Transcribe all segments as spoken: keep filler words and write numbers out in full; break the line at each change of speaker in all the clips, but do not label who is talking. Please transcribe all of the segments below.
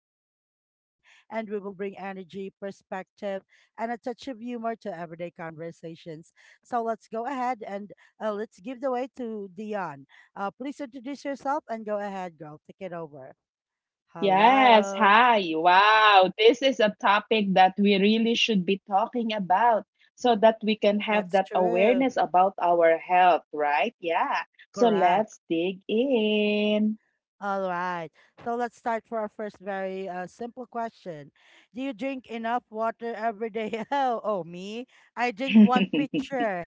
co host, Dion, and we will bring energy, perspective, and a touch of humor to everyday conversations. So let's go ahead and uh, let's give the way to Dion. Uh, please introduce yourself and go ahead, girl. Take it over.
yes.
Hello.
Hi. Wow. This is a topic that we really should be talking about so that we can have
That's
that
true.
awareness about our health, right? Yeah. So
Correct.
let's dig in.
All right. So let's start for our first, very uh, simple question. Do you drink enough water every day? Oh, oh, me? I drink one pitcher.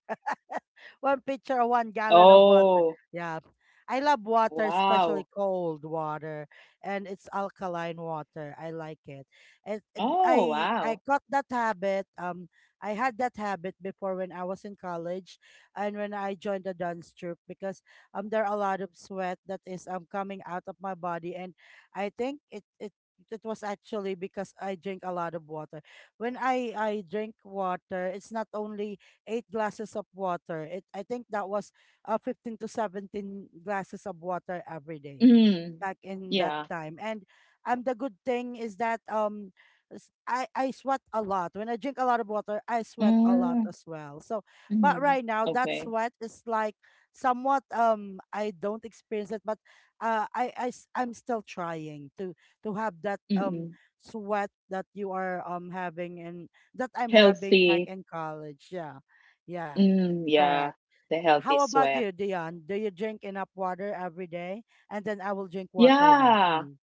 One pitcher or one gallon of water.
Oh,
Yeah. I love water,
wow.
especially cold water, and it's alkaline water. I like it. And
Oh,
I I
wow.
got that habit. Um, I had that habit before when I was in college, and when I joined the dance troupe, because um there are a lot of sweat that is um coming out of my body, and I think it it it was actually because I drink a lot of water. When I I drink water, it's not only eight glasses of water. It, I think, that was uh, fifteen to seventeen glasses of water every day
Mm.
back in that
Yeah.
time. And um the good thing is that um s- I I sweat a lot. When I drink a lot of water, I sweat a lot
Mm.
as well. So, but
Mm.
right now that
Okay.
sweat is like somewhat, um I don't experience it, but uh I I s- I'm still trying to to have that um
Mm-mm.
sweat that you are um having, and that I'm having back
Healthy.
in college. Yeah. Yeah,
Mm. Yeah.
correct.
The healthy
How about
sweat.
you, Dion? Do you drink enough water every day? And then I will drink water now.
Yeah.
Mm.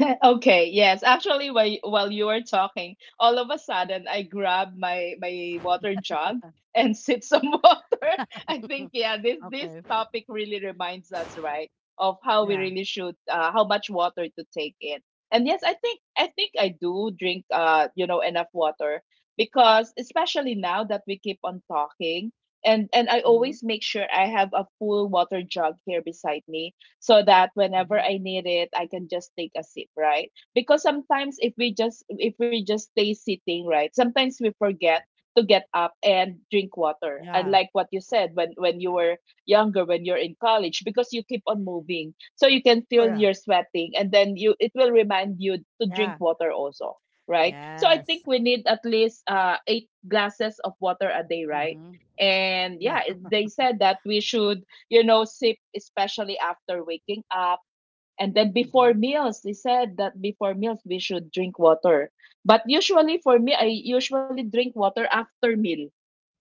Okay, yes. Actually, while while you were talking, all of a sudden I grabbed my my water jug and sip some water. I think, yeah, this this
Okay.
topic really reminds us, right, of how we
Yeah.
really should, uh, how much water to take in. And yes, I think I think I do drink, uh, you know, enough water, because especially now that we keep on talking, and and I
Mm-hmm.
always make sure I have a full water jug here beside me, so that whenever
Mm-hmm.
I need it, I can just take a sip, right? Because sometimes if we just if we just stay sitting, right, sometimes we forget to get up and drink water. And
Yeah.
like what you said, when when you were younger, when you're in college, because you keep on moving, so you can feel
Correct.
you're sweating, and then you it will remind you to
Yeah.
drink water also, right? So I think
Yes.
we need at least uh eight glasses of water a day, right?
Mm-hmm.
And
Yeah.
yeah, it- they said that we should, you know, sip, especially after waking up. And then before
Mm-hmm.
meals, they said that before meals we should drink water. But usually for me, I usually drink water after meal.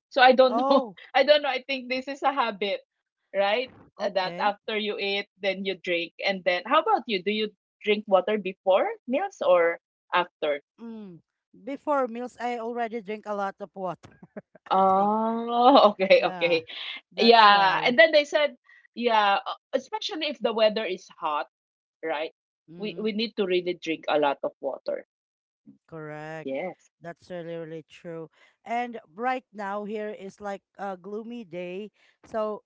So I don't know.
Oh,
I don't know. I think this is a habit, right? Uh, That
okay.
after you eat, then you drink. And then how about you? Do you drink water before meals or after?
Mm. Before meals, I already drink a lot of water. I think,
Oh, okay,
yeah,
okay.
that's
Yeah.
why.
And then they said, yeah, uh, especially if the weather is hot, right? We
Mm,
we need to really drink a lot of water.
correct.
Yes.
That's really, really true. And right now here is like a gloomy day. So,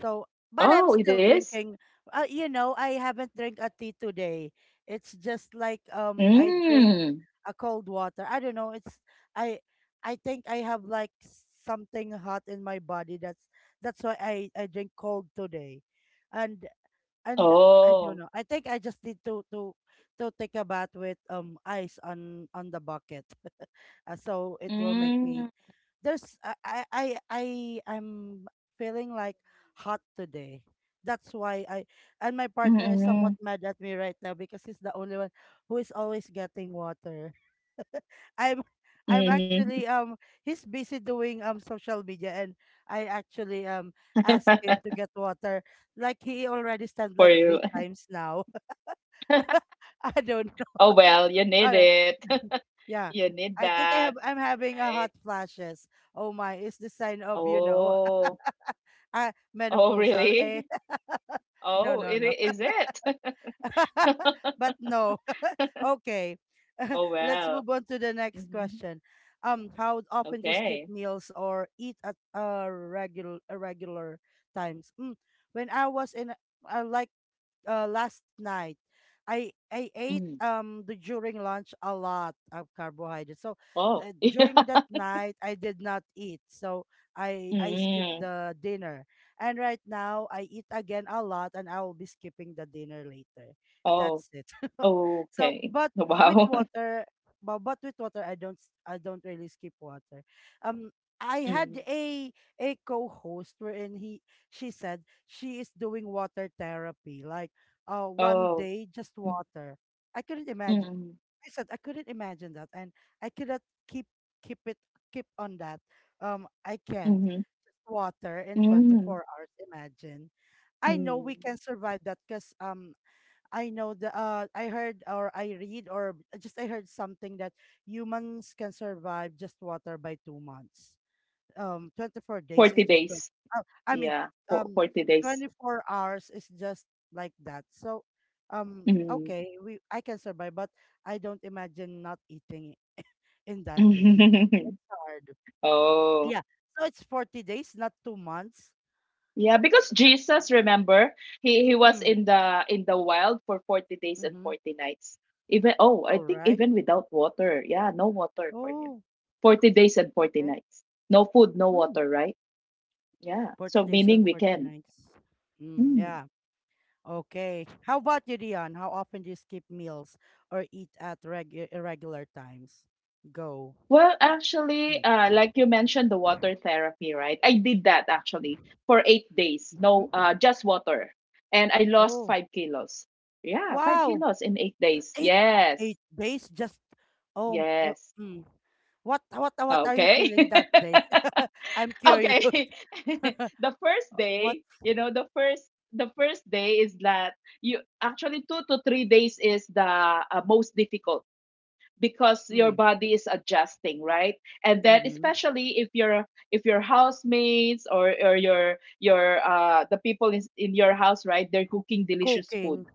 so, but I'm
Oh, it
still
is?
drinking. Uh, you know, I haven't drank a tea today. It's just like, um, I drink
Mm.
a cold water. I don't know. It's I, I think I have like something hot in my body. That's that's why I I drink cold today, and and I
Oh.
don't know. I think I just need to to to take a bath with um ice on on the bucket, uh, so it will make me,
Mm.
there's I I I I- I'm feeling like hot today. That's why I, and my partner is somewhat
Mm-mm.
mad at me right now because he's the only one who is always getting water. I'm I'm
Mm-hmm.
actually, um he's busy doing um social media, and I actually um asked him to get water. Like he already stands
For
like
you.
three times now. I don't
Oh, well, you
Oh,
need
no.
it.
Yeah.
You need
I think I
that,
have I'm having a hot
right?
flashes. Oh my, it's the sign of, you know,
Oh.
uh,
Oh,
menopausal. Eh?
really?
No,
Oh,
no,
it i-
no.
is it?
But no. Okay.
Oh,
Let's
well.
move on to the next
Mm-hmm.
question. Um, how often do you skip
Okay.
meals or eat at, uh, regular irregular times? Mm, when I was in, I like uh, last night I I ate
Mm.
um the, during lunch a lot of carbohydrates. So
Oh.
uh,
Yeah.
during that night I did not eat. So I I skipped
Mm.
the dinner. And right now I eat again a lot, and I will be skipping the dinner later.
Oh.
That's it. so
Okay.
but with
Wow.
water but, but with water I don't s- I don't really skip water. Um I
Mm.
had a a co-host, wherein he she said she is doing water therapy, like uh, one
Oh,
day just
mm,
water. I couldn't imagine.
mm,
I said I couldn't imagine that, and I cannot keep keep it keep on that. Um, I can't,
mhm,
just water in
mm,
twenty-four hours. Imagine. I know we
hmm.
can survive that, because um I know the uh I heard, or I read, or uh, just I heard something, that humans can survive just water by two months. um twenty-four days is
forty
just twenty,
days.
uh, I mean,
Yeah, for
um
forty days.
twenty-four hours is just like that. So, um
Mm.
okay, we I can survive, but I don't imagine not eating in that day. It's hard.
Oh,
Yeah. So it's forty days, not two months.
yeah, because
Is that?
Jesus, remember, he he was
Mm,
in the in the wild for forty days and
mm-hmm.
forty nights. Even, oh, I
All
think
right.
even without water. Yeah, no water for him.
Oh.
forty days and forty
Okay.
nights. No food, no
Mm,
water, right? Yeah.
forty
So
days and
meaning we
forty
can.
nights. Mm,
Mm.
yeah. Okay. How about you, Dion? How often do you skip meals or eat at regu- irregular times? Go.
Well, actually, uh, like you mentioned, the water therapy, right? I did that actually for eight days. No,
Mm-hmm.
uh, just water, and I lost
Oh,
five kilos. Yeah, five
wow.
kilos in eight days.
Eight
Yes,
eight days, just um eh,
yes.
mm. What what what are you
Okay,
feeling that day? I'm curious.
okay. The first
What
day, you know, the first the first day is that you actually two to three days is the uh, most difficult, because your
mm,
body is adjusting, right. And then,
mm-hmm.
especially if your if your housemates or or your your uh the people in in your house, right, they're cooking delicious food,
Cooking?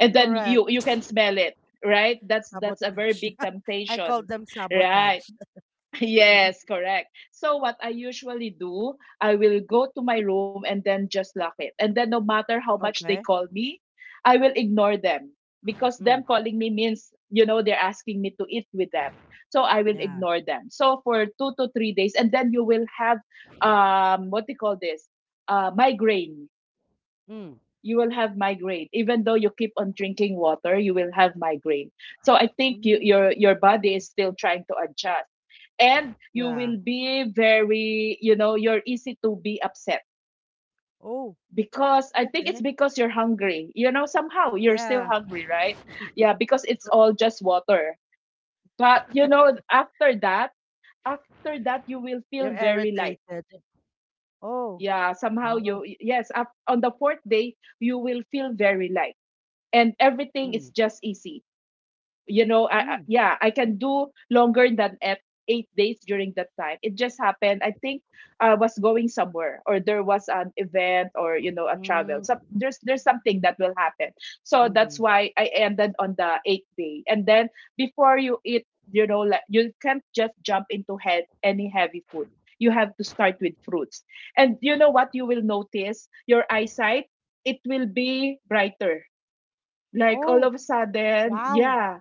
and then you you
Correct.
can smell it, right. That's that's a very
Sabotage.
big
I
temptation,
call them
right.
sabotage. Mhm.
Yes, correct. So what I usually do, I will go to my room and then just lock it. And then no matter how much they
Okay.
call me, I will ignore them, because
Mm,
them calling me means, you know, they're asking me to eat with them. So I will
yeah.
ignore them. So for two to three days, and then you will have, um what do you call this? Uh migraine.
Mm,
You will have migraine. Even though you keep on drinking water, you will have migraine. So I think, you,
mm,
your your body is still trying to adjust, and you
yeah.
will be very, you know you're easy to be upset,
Oh,
because I think it's
okay.
because you're hungry, you know somehow you're still
Yeah,
hungry, right? Yeah, because it's all just water. But, you know after that after that you will feel
you're
very light.
irritated. Oh,
Yeah, somehow
wow.
you, yes, up, on the fourth day you will feel very light, and everything is
Mm,
just easy. You know, I, I-
mm,
yeah, I can do longer than eight, eight days during that time. It just happened. I think I was going somewhere, or there was an event, or, you know, a travel.
mm,
So there's there's something that will happen. So
mm-hmm,
that's why I ended on the eighth day. And then, before you eat, you know, like, you can't just jump into head any heavy food. You have to start
mm.
with fruits. And you know what? You will notice your eyesight. It will be brighter. Like, all
Oh,
of a sudden,
wow.
yeah,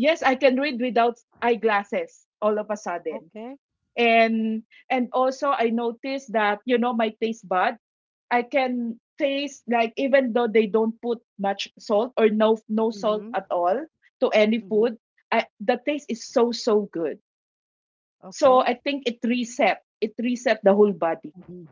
yes, I can read without eyeglasses all of a sudden.
Okay.
And and also I noticed that, you know my taste bud, I can taste, like, even though they don't put much salt or no no salt
Mm-hmm,
at all to any
mm-hmm,
food. I, the taste is so so good. So
okay.
I think it reset it reset the whole body.
Mm-hmm.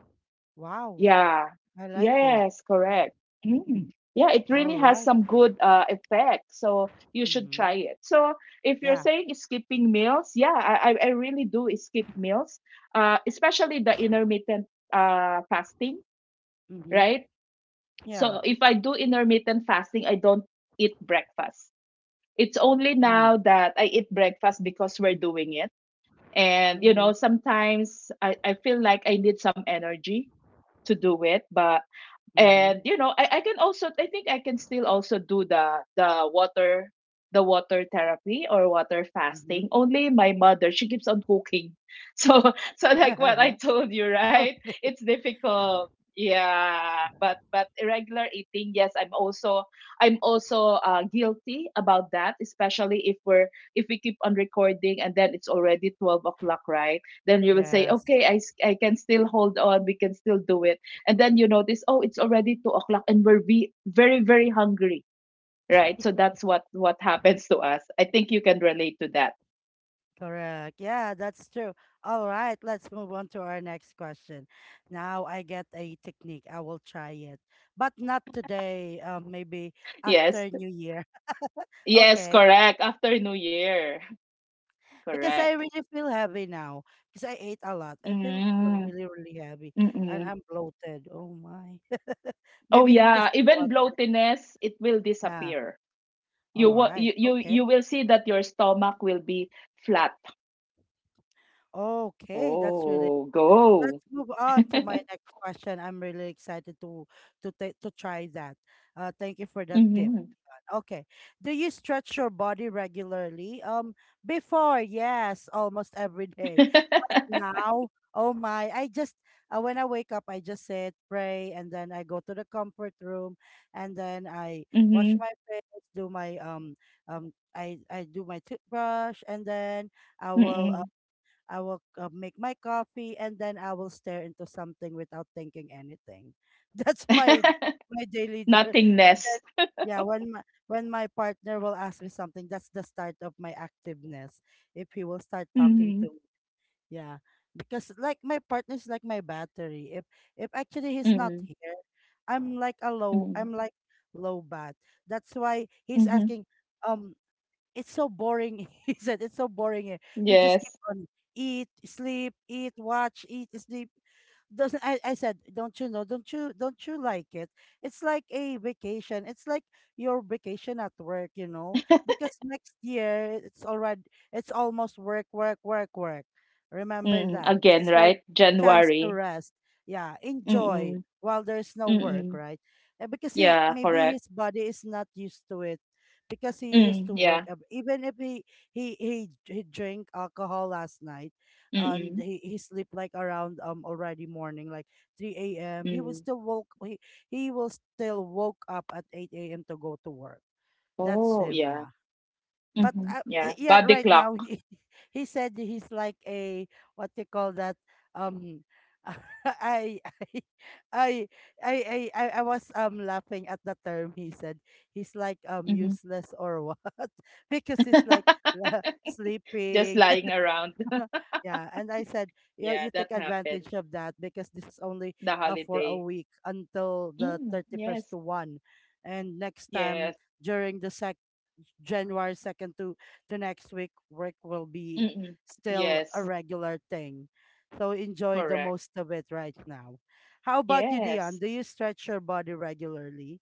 Wow.
Yeah.
I like it.
Yes, correct. Mm. Yeah, it
All
really has
right.
some good uh, effect. So you should
Mm-hmm.
try it. So if you're
Yeah.
saying skipping meals, yeah, I, I I really do skip meals, uh, especially the intermittent uh, fasting,
Mm-hmm.
right?
Yeah.
So if I do intermittent fasting, I don't eat breakfast. It's only
Hmm.
now that I eat breakfast because we're doing it. And, you
Mm-hmm.
know, sometimes I, I feel like I need some energy to do it, but
Mm-hmm.
and, you know I, I can also, I think I can still also do the the water the water therapy or water
Mm-hmm.
fasting. Only, my mother she keeps on cooking so so like what I told you, right?
Okay.
It's difficult, yeah, but but irregular eating, yes. I'm also i'm also uh, guilty about that, especially if we're if we keep on recording, and then it's already twelve o'clock, right, then you will say,
Yes.
okay, i, s- I can still hold on, we can still do it. And then you notice, oh, it's already two o'clock, and we're ve- very very hungry, right? So that's what what happens to us, I think you can relate to that.
Correct. Yeah, that's true. All right, let's move on to our next question. Now I get a technique. I will try it, but not today. Um, maybe
Yes,
after New Year.
yes,
Okay,
correct. After New Year.
because I
Correct.
really feel heavy now. Because I ate a lot. I feel
Mm,
really, really heavy, and
mm-mm.
I'm bloated. Oh my.
Oh,
Maybe it's because
yeah,
of
even
water.
bloatiness, it will
Yeah.
disappear.
All
you, wa-
right.
you you
Okay.
you will see that your stomach will be flat.
Okay, that's really
Oh,
let's
go.
move on to my next question. I'm really excited to to ta- to try that. Uh, thank you for that tip.
Mm-hmm.
Okay. Do you stretch your body regularly? Um, before, yes, almost every day. But
Mm-hmm.
now, oh my, I just, uh, when I wake up, I just sit, pray, and then I go to the comfort room, and then I wash my face, do my um um I I do my toothbrush, and then I will uh,
Mm-mm.
I will uh, make my coffee, and then I will stare into something without thinking anything. That's my my daily d- and
Nothingness.
then, yeah, when my when my partner will ask me something, that's the start of my activeness. If he will start talking
Mhm.
to me. Yeah. Because like, my partner is like my battery. If if actually he's not
Mm,
here, I'm like a low
mm,
I'm like low bat. That's why he's
mhm,
asking, um, it's so boring. He said, it's so boring here. We just keep
yes.
on eat, sleep, eat, watch, eat, sleep. Doesn't I, I said, don't you know, don't you don't you like it? It's like a vacation. It's like your vacation at work, you know because next year it's already it's almost work, work, work, work. Remember
Mm,
that this
again,
is your
right?
chance to
January.
rest. Yeah, enjoy
Mm,
while there's no work,
mm.
right? And because he,
Yeah,
maybe
correct.
his body is not used to it, because he used
Mm,
to work
yeah.
ab- even if he he he, he drank alcohol last night, and
Mm,
he, he sleep like around, um already morning, like three a m a.m. he will
mm.
still woke he, he will still woke up at eight a m a.m to go to work. That's
Oh,
him.
yeah.
Yeah. But
Mhm,
uh,
yeah.
yeah.
Body
Right
clock.
now, he he said he's like a, what they call that, um I, I I I I I I was um laughing at the term he said. He's like um
Mhm.
useless or what. Because he's like
Just
sleeping.
lying around.
No. Yeah. And I said, yeah,
Yeah,
you
that
take
happened.
advantage of that, because this is only,
The
uh, for a
holiday.
week, until the
Mm,
thirty-first
yes.
to first. And next time
Yes.
during the sec January second to to next week, work will be
Mm,
still a
yes.
regular thing. So enjoy the
Correct.
most of it right now. How about you, Dion?
Yes.
Do you stretch your body regularly?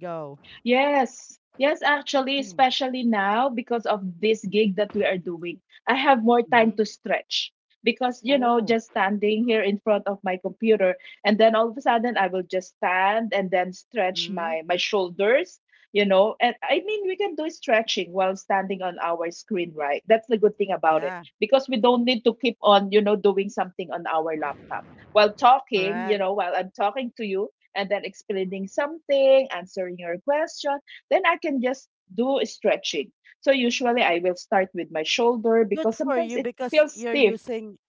Go.
Yes. Yes, actually,
Mm,
especially now because of this gig that we are doing, I have more time
mm-hmm.
to stretch, because, you know,
Oh,
just standing here in front of my computer, and then all of a sudden I will just stand and then stretch
mm,
my my shoulders, you know. And I mean, we can do stretching while standing on our screen, right? That's the good thing about it,
yeah,
because we don't need to keep on, you know, doing something on our laptop. While talking, you
correct.
know, while I'm talking to you, and then explaining something, answering your question, then I can just do stretching. So usually I will start with my shoulder
Good
because
for
sometimes
you,
it
because
feels
you're
stiff.
using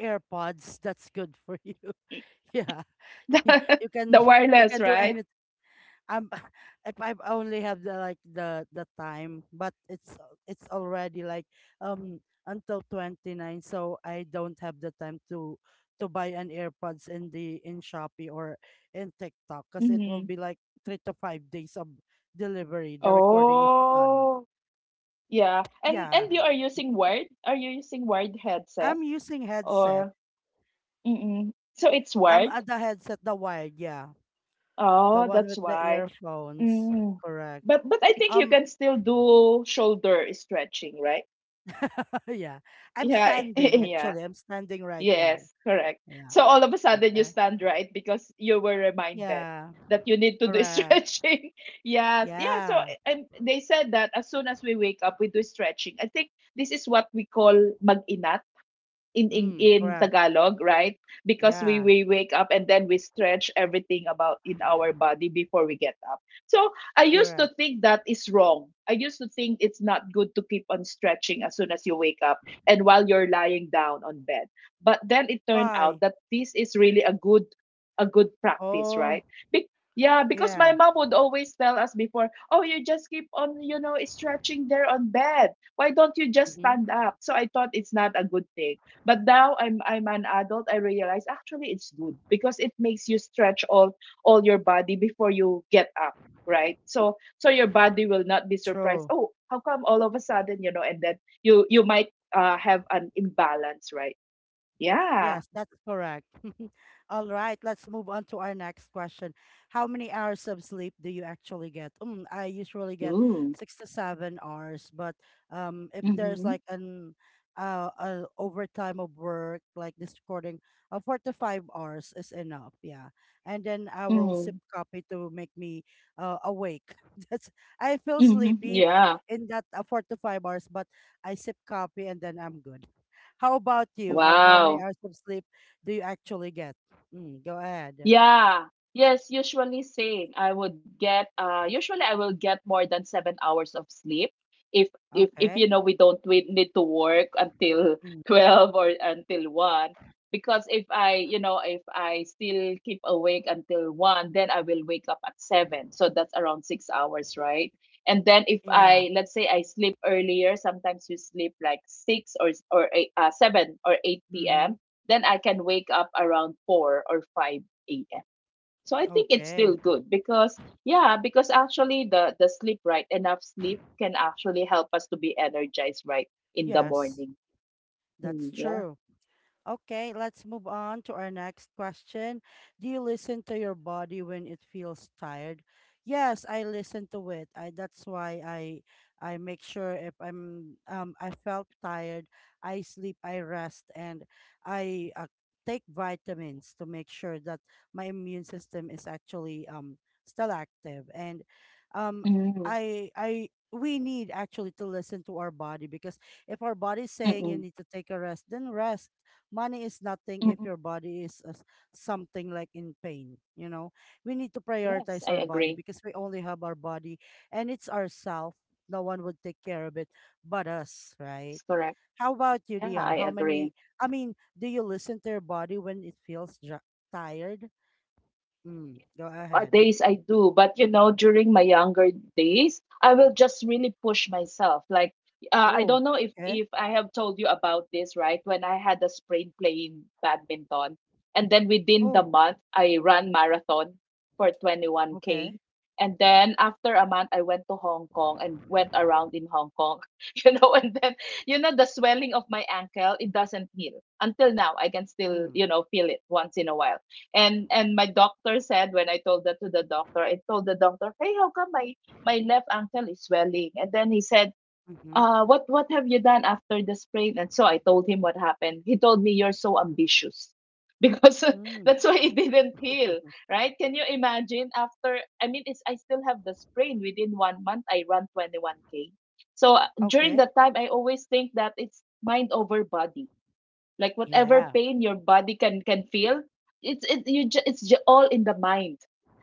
AirPods. That's good for you. Yeah. You can
The
you
wireless,
can do
right?
anything. I'm If I only have the, like, the the time, but it's it's already like um until twenty-nine, so I don't have the time to to buy an AirPods in the in Shopee or in TikTok, because it will
Mm-hmm.
be like three to five days of delivery. The recording is done.
Oh, yeah. And
Yeah.
and you are using wired? Are you using wired headset
I'm using headset.
or? Mm-mm. So it's
Um, uh,
wired.
the headset, the wired, yeah. The
Oh,
one
that's
with the
why.
earphones.
Mm.
Correct.
But but I think you
Um,
can still do shoulder stretching, right?
yeah. I'm
Yeah,
standing
yeah.
actually. I'm standing right now.
Yes, correct.
Yeah.
So all of a sudden you
Okay.
stand, right, because you were reminded
Yeah.
that you need to do
Correct.
stretching. Yes, yeah. So,
Yeah.
and they said that as soon as we wake up, we do stretching. I think this is what we call mag in, in
Mm,
in
correct.
Tagalog, right? Because we
Yeah.
we wake up and then we stretch everything about in our body before we get up. So I used to
Correct.
think that is wrong. I used to think it's not good to keep on stretching as soon as you wake up and while you're lying down on bed. But then it turned
Why?
out that this is really a good a good practice,
Oh,
right? Be- yeah, because my
yeah.
mom would always tell us before, oh, you just keep on, you know, stretching there on bed. Why don't you just
Mm-hmm.
stand up? So I thought it's not a good thing. But now I'm I'm an adult, I realize actually it's good because it makes you stretch all all your body before you get up, right? So so your body will not be surprised,
True.
oh, how come all of a sudden, you know, and then you you might uh, have an imbalance, right? Yeah.
Yes, that's correct. All right, let's move on to our next question. How many hours of sleep do you actually get? Mm, I usually get
Ooh.
six to seven hours, but um, if there's
Mm-hmm.
like an uh, uh overtime of work, like this recording, uh, four to five hours is enough. Yeah, and then I will sip
Mm-hmm.
coffee to make me uh awake. That's I feel
Mm-hmm.
sleepy b-
Yeah.
in that uh, four to five hours, but I sip coffee and then I'm good. How about you? Um, how many
Wow.
hours of sleep do you actually get? Mm, go ahead.
Yeah. Yes, usually same. I would get uh usually I will get more than seven hours of sleep if if if you
Okay.
know we don't we need to work until
Mm,
twelve or until one. Because if I, you know, if I still keep awake until one, then I will wake up at seven. So that's around six hours, right? And then if
yeah.
I, let's say I sleep earlier, sometimes you sleep like six or or eight, uh, seven or 8
Mm-hmm.
p.m. Then I can wake up around four or five a m. So I think it's
Okay.
still good because, yeah, because actually the the sleep, right, enough sleep can actually help us to be energized, right, in the
Yes,
morning.
that's
Mm, yeah.
true. Okay, let's move on to our next question. Do you listen to your body when it feels tired? Yes, I listen to it. I That's why I I make sure if I'm um I felt tired, I sleep, I rest, and I uh, take vitamins to make sure that my immune system is actually um still active and um
Mm,
I I we need actually to listen to our body, because if our body is saying you
mm-mm,
need to take a rest, then rest. Money is nothing if
mm-mm.
your body is uh, something like in pain you know We need to
Yes,
prioritize
I
our body
agree.
because we only have our body, and it's ourself. No one would take care of it but us, right?
That's correct.
How about you,
Yeah,
Dion?
I
how many
agree.
i mean do you listen to your body when it feels ju- tired? mm, go
Uh,
ahead.
days I do. But you know, during my younger days, I will just really push myself. Like, uh, I
Oh,
don't know if
okay.
if I have told you about this, right? When I had a sprain playing badminton, and then within the
Oh,
month I ran marathon for twenty-one k.
okay.
And then after a month, I went to Hong Kong and went around in Hong Kong, you know. And then, you know, the swelling of my ankle, it doesn't heal until now. I can still,
Mm,
you know, feel it once in a while. And and my doctor said, when I told that to the doctor, I told the doctor, "Hey, how come my my left ankle is swelling?" And then he said,
mm-hmm,
"Uh, what what have you done after the sprain?" And so I told him what happened. He told me, "You're so ambitious." Because
mm,
that's why it didn't heal, right? Can you imagine, after I mean, it's I still have the sprain. Within one month I run twenty-one k. So, uh, during
okay.
that time I always think that it's mind over body, like whatever
Yeah.
pain your body can can feel, it's it you ju- it's ju- all in the mind.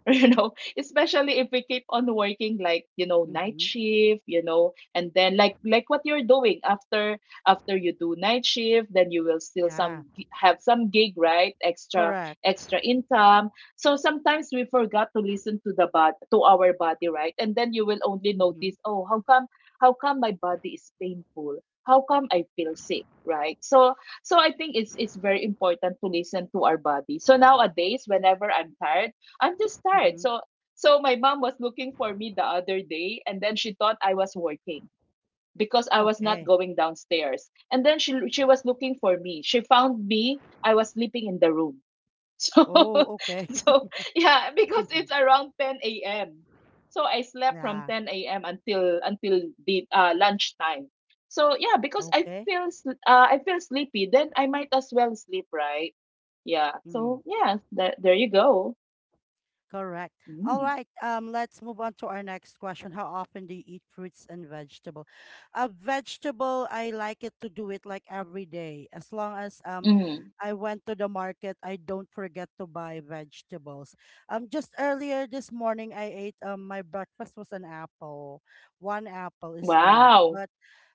You know, especially if we keep on working, like, you know, night
Mm-hmm,
shift, you know, and then like like what you're doing, after after you do night shift, then you will still,
yeah.
some gi- have some gig, right, extra
Correct.
extra income. So sometimes we forgot to listen to the body, to our body, right, and then you will only
Mm-hmm.
notice, oh, how come how come my body is painful, how come I feel sick, right? So so I think it's it's very important to listen to our body. So nowadays, whenever I'm tired, I'm just tired.
Mm-hmm.
So so my mom was looking for me the other day, and then she thought I was working because I was not
Okay.
going downstairs. And then she she was looking for me. She found me. I was sleeping in the room. So,
Oh, okay.
so yeah, because it's around ten a m. So I slept from
Yeah,
ten a m until until the uh, lunchtime. So, yeah, because I
okay.
feel s- uh, I feel sleepy, then I might as well sleep, right? Yeah.
Ừm.
So yeah, that, there you go.
Correct. All
Mm.
right. Um, let's move on to our next question. How often do you eat fruits and vegetable? A vegetable, I like it to do it like every day. As long as um,
Mm.
I went to the market, I don't forget to buy vegetables. Um, just earlier this morning, I ate um, my breakfast was an apple. One apple is enough,
Wow.
but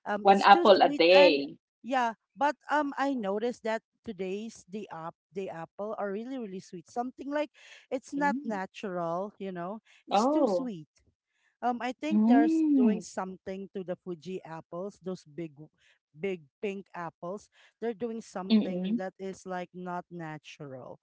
um,
One
it's too
apple a
sweet. And
day.
yeah. But um, I noticed that today's the app the apple are really really sweet. Something like it's not
Mm.
natural, you know. It's too
Oh.
sweet. Um, I think they're s- doing
Mm.
something to the Fuji apples, those big, w- big pink apples. They're doing something
Mm-mm.
that is like not natural.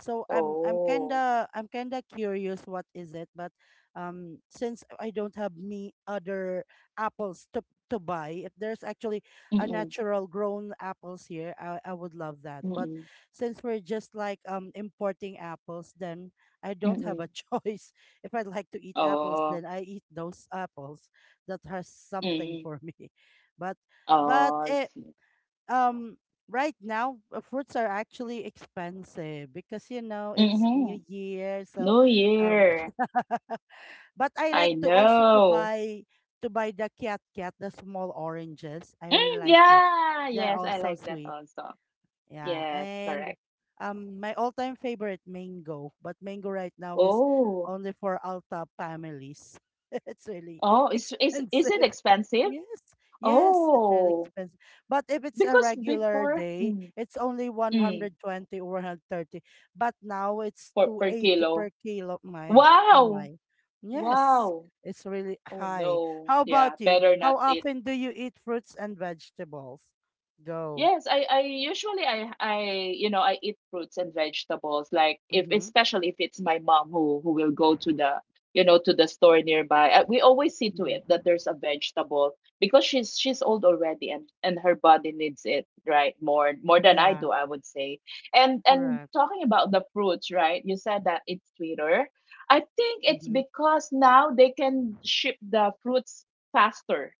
So I'm I'm
Oh.
kinda I'm kinda curious what is it, but um, since I don't have me other apples to to buy, if there's actually a
Mm-mm.
natural grown apples here, I I would love that. But
Mm-mm.
since we're just like um importing apples, then I don't have
Mm-mm.
a choice. If I like to eat apples,
Oh.
then I eat those apples that has something
Mm.
for me. But but
Oh, I
it
see.
um right now uh, fruits are actually expensive, because you know it's new
Mhm.
year. So
New
um
Year.
but I
I
like to also to
know.
buy to buy the cat cat the small oranges. I really
Mm,
like it,
yeah.
they're
Yes, I
also
like that
sweet,
also.
yeah.
Yes,
And
correct.
um, my all-time favorite mango, but mango right now is
Oh.
only for Alta families. It's really
Oh, is is is it
expensive.
expensive?
Yes, yes, it's really
Oh,
expensive. But if it's a
because
regular
before,
day,
mm,
it's only
mm,
one hundred twenty or one thirty. But now it's
for per
two eighty per
kilo.
kilo. My, oh
Wow.
my. Yes,
Wow.
it's really
Oh
high.
no.
How
Yeah,
about you?
better
How
not eat.
often do you eat fruits and vegetables? Go.
Yes, I, I usually, I I you know, I eat fruits and vegetables, like if,
Mm-hmm.
especially if it's my mom who who will go to the, you know, to the store nearby, uh, we always see to it
Mm-hmm.
that there's a vegetable, because she's she's old already, and and her body needs it, right, more more than I
Yeah,
do, I would say. And and
correct.
talking about the fruits, right, you said that it's sweeter. I think it's
Mm-hmm.
because now they can ship the fruits faster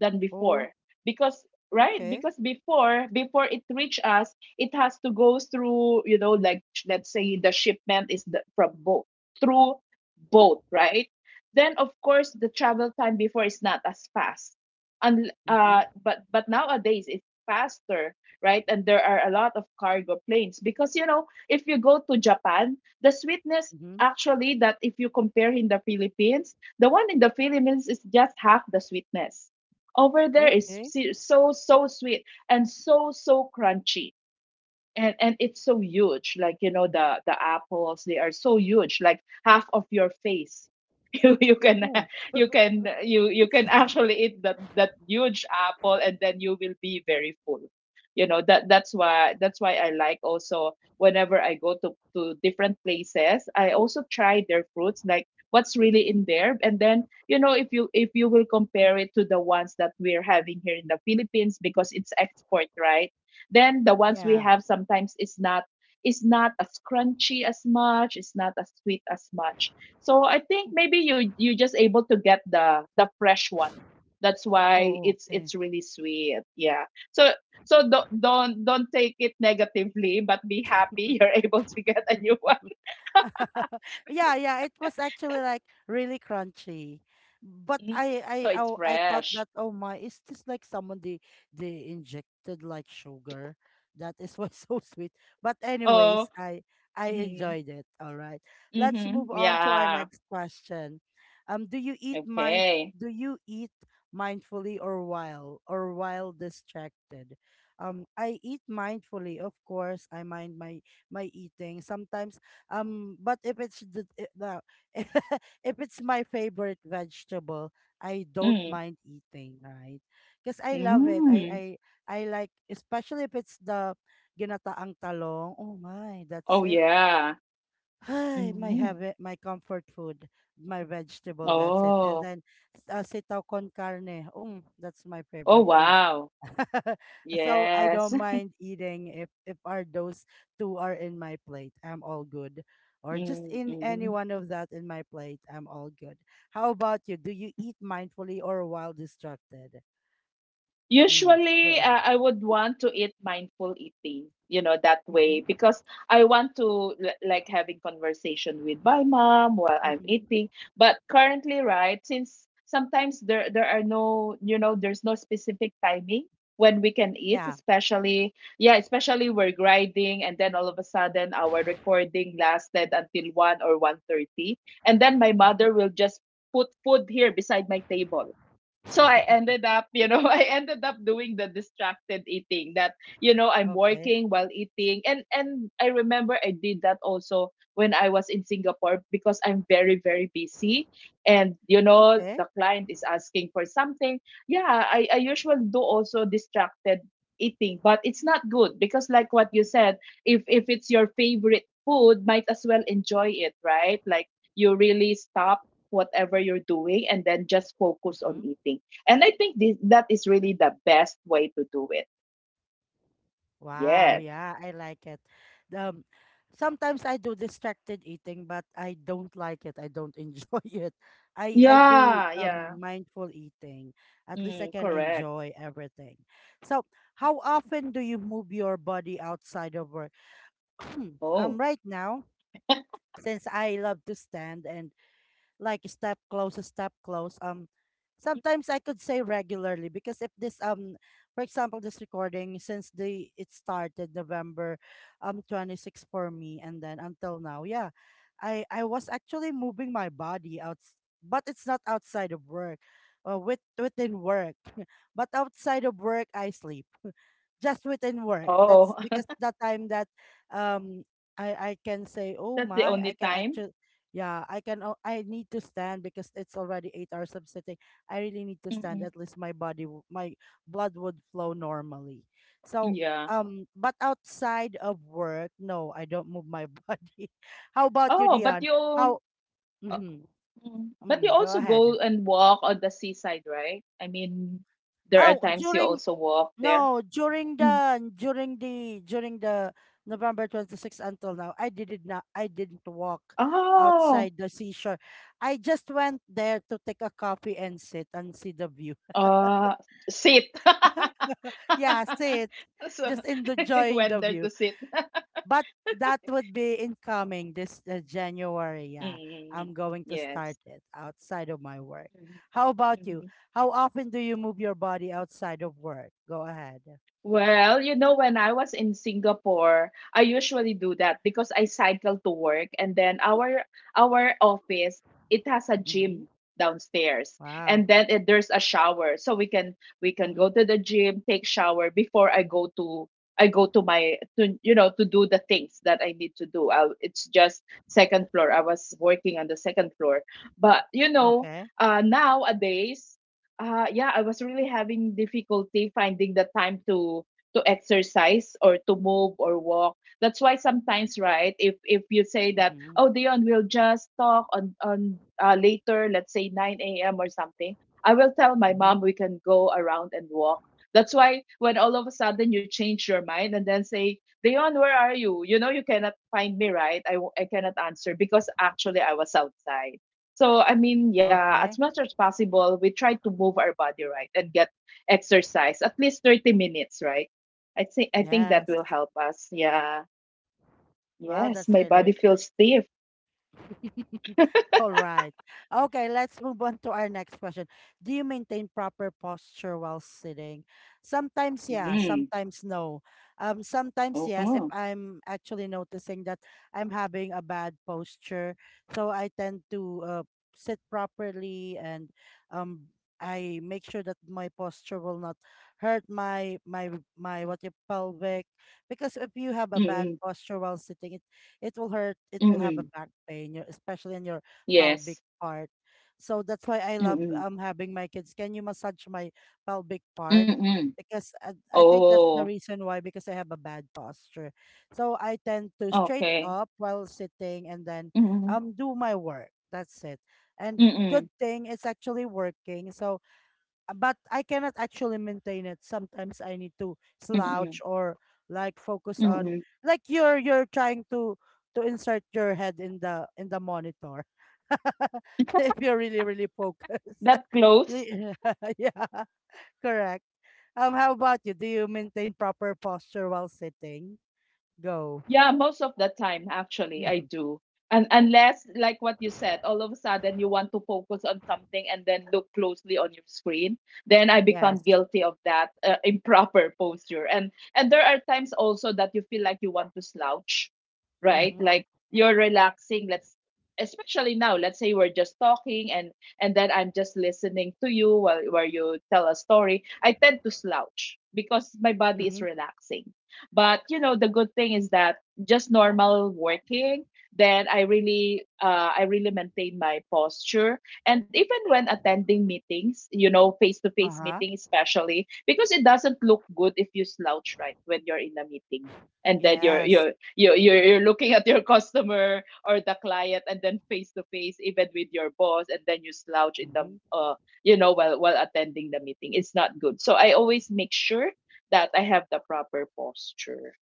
than
Oh,
before. Because, right,
okay.
because before before it reach us, it has to go through, you know, like sh- let's say the shipment is the, from boat through boat, right? Then of course the travel time before is not as fast, and
Mm-hmm.
uh, but but nowadays it's faster, right? And there are a lot of cargo planes because, you know, if you go to Japan, the sweetness
Mm-hmm.
actually that if you compare in the Philippines, the one in the Philippines is just half the sweetness. Over there is
Okay.
si- so so sweet and so so crunchy. And and it's so huge, like, you know, the the apples, they are so huge, like half of your face. you you can
Oh,
you can, you you can actually eat that that huge apple and then you will be very full. You know, that that's why, that's why I like also, whenever I go to to different places, I also try their fruits, like what's really in there. And then, you know, if you if you will compare it to the ones that we're having here in the Philippines because it's export, right, then the ones we
yeah.
have sometimes is not is not as crunchy as much, it's not as sweet as much. So I think maybe you you just able to get the the fresh one. That's
Oh,
why
oh,
it's
okay.
it's really sweet. Yeah. So so don't don't don't take it negatively, but be happy, you're able to get a new one.
Yeah, yeah, it was actually like really crunchy. But
Mm.
I I
So it's
oh, I thought
fresh.
that oh my, is this like someone they they injected like sugar? That is why so sweet. But
Oh.
anyways, I I
Mm,
enjoyed it. All right. Let's
mm-hmm.
move on to our
Yeah.
next question. Um do you eat mind
Okay.
do you eat mindfully or while or while distracted? Um I eat mindfully, of course. I mind my my eating. Sometimes um, but if it's the I- the- if it's my favorite vegetable, I don't
Mm.
mind eating, right? Because I love it. I
Mm.
I I like, especially if it's the ginataang talong. Oh my, that's
Oh
it.
yeah.
Hi, my
Mm.
habit, my comfort food, my vegetable. That's it. And
Oh.
then s- uh, sitaw con carne. Um, that's my
Oh,
favorite too.
wow.
So I
Yes.
don't mind eating if if are those two are in my plate. I'm all good. Or just
Mm,
in any
mhm.
one of that in my plate, I'm all good. How about you? Do you eat mindfully or while distracted? Mm. Go.
Usually, uh, I would want to eat mindful eating, you know, that way,
Mm-hmm.
because I want to li- like having conversation with my mom while I'm
Mm-hmm.
eating. But currently, right, since sometimes there there are no, you know, there's no specific timing when we can eat,
Yeah.
especially, yeah, especially we're grinding, and then all of a sudden our recording lasted until one or one thirty, and then my
Hmm.
mother will just put food here beside my table, so I ended up, you know, I ended up doing the distracted eating, that, you know, I'm
Okay.
working while eating. And and I remember I did that also when I was in Singapore because I'm very, very busy. And, you know, the
Okay.
client is asking for something. Yeah, I, I usually do also distracted eating, but it's not good because, like what you said, if if it's your favorite food, might as well enjoy it, right? Like, you really stop whatever you're doing, and then just focus
Mm-hmm.
on eating. And I think this that is really the best way to do it.
Wow,
Yes.
yeah, I like it. Um, sometimes I do distracted eating, but I don't like it. I don't enjoy it. I I do
Yeah, yeah.
um mindful eating. At least I
Mm,
can
correct.
enjoy everything. So, how often do you move your body outside of work? Hmm, um,
Oh.
right now, since I love to stand and like step close, step close. Um, sometimes I could say regularly because if this um, for example, this recording since the it started November, um, twenty six for me, and then until now, yeah, I I was actually moving my body out, but it's not outside of work, uh, with within work, but outside of work I sleep just within work.
Oh,
That's because that time that um I I can say, oh
that's the
my, I
only
can
time.
actually yeah, I can o- I need to stand because it's already eight hours of sitting. I really need to stand.
Mm-mm.
At least my body w- my blood would flow normally. So
Yeah.
um but outside of work, no, I don't move my body. How about you,
Oh, but
Dion?
you uh,
How mm-hmm,
mm, but you
mm, go
also
ahead.
go and walk on the seaside, right? I mean, there are
Oh,
times you
during
also walk there.
No, during
Mm.
the during the during the November twenty-sixth until now, I did not I didn't walk
Oh.
outside the seashore. I just went there to take a coffee and sit and see the view.
Uh Sit.
Yeah, sit,
So,
just enjoying
went
the
there
view.
to sit.
But that would be incoming this uh, January. Yeah,
mm
I'm going to start
Yes.
it outside of my work.
Mm-hmm.
How about you?
Mm-hmm.
How often do you move your body outside of work? Go ahead.
Well, you know, when I was in Singapore, I usually do that because I cycle to work, and then our our office, it has a
Mm-hmm.
gym downstairs.
Wow.
And then, it, there's a shower, so we can we can go
Mm-hmm.
to the gym, take shower before I go to I go to my, to you know, to do the things that I need to do. I, it's just second floor. I was working on the second floor. But you know,
Okay.
uh nowadays, uh, yeah, I was really having difficulty finding the time to to exercise or to move or walk. That's why sometimes, right? If if you say that,
Mm-hmm.
oh, Dion, we'll just talk on on uh, later, let's say nine a m or something. I will tell my
Mm-hmm.
mom we can go around and walk. That's why when all of a sudden you change your mind and then say, "Dion, where are you?" You know you cannot find me, right? I w- I cannot answer because actually I was outside. So, I mean, yeah, as
Okay.
much as possible, we try to move our body, right, and get exercise at least thirty minutes, right? I think I think that
Yes.
will help us. Yeah.
Wow,
Yes,
that's
my body
really,
feels stiff.
all right. Okay, let's move on to our next question. Do you maintain proper posture while sitting? Sometimes, yeah,
Mm.
sometimes no. Um, sometimes, yes, if
Uh-huh.
I'm actually noticing that I'm having a bad posture, so I tend to uh, sit properly and um, I make sure that my posture will not hurt my my my what you pelvic, because if you have a bad
Mm-mm.
posture while sitting, it will hurt. It will have a
Mm-mm.
back pain your- especially in your pelvic
Yes.
part. So that's why I love
Mm-mm.
um having my kids can you massage my pelvic part,
Mm-mm.
because I, I think that's the
Oh,
reason why, because I have a bad posture, so I tend to straight
okay.
up while sitting and then
Mm-mm.
um do my work, that's it. And good
Mm-mm.
thing it's actually working. So but I cannot actually maintain it. Sometimes I need to
Mm-mm.
slouch or like focus on
Mm-mm.
like you're you're trying to to insert your head in the in the monitor. If you're really really focused.
That close?
Y- yeah, correct. Um how about you? Do you maintain proper posture while sitting? Go.
Yeah, most of the time, actually, I
Hmm.
do. And unless, like what you said, all of a sudden you want to focus on something and then look closely on your screen, then I become
Yes.
guilty of that, uh, improper posture. And and there are times also that you feel like you want to slouch, right?
Mhm.
Like, you're relaxing. Let's Especially now. Let's say we're just talking, and and then I'm just listening to you while while you tell a story. I tend to slouch because my body
Mhm.
is relaxing. But you know, the good thing is that, just normal working, then I really uh, I really maintain my posture. And even when attending meetings, you know, face to face
Uh-huh.
meeting especially, because it doesn't look good if you slouch, right, when you're in a meeting. And then you're
Yes.
you're you're you're you're looking at your customer or the client, and then face to face, even with your boss, and then you slouch in the
Mm-hmm.
uh, you know, while while attending the meeting. It's not good. So I always make sure that I have the proper posture.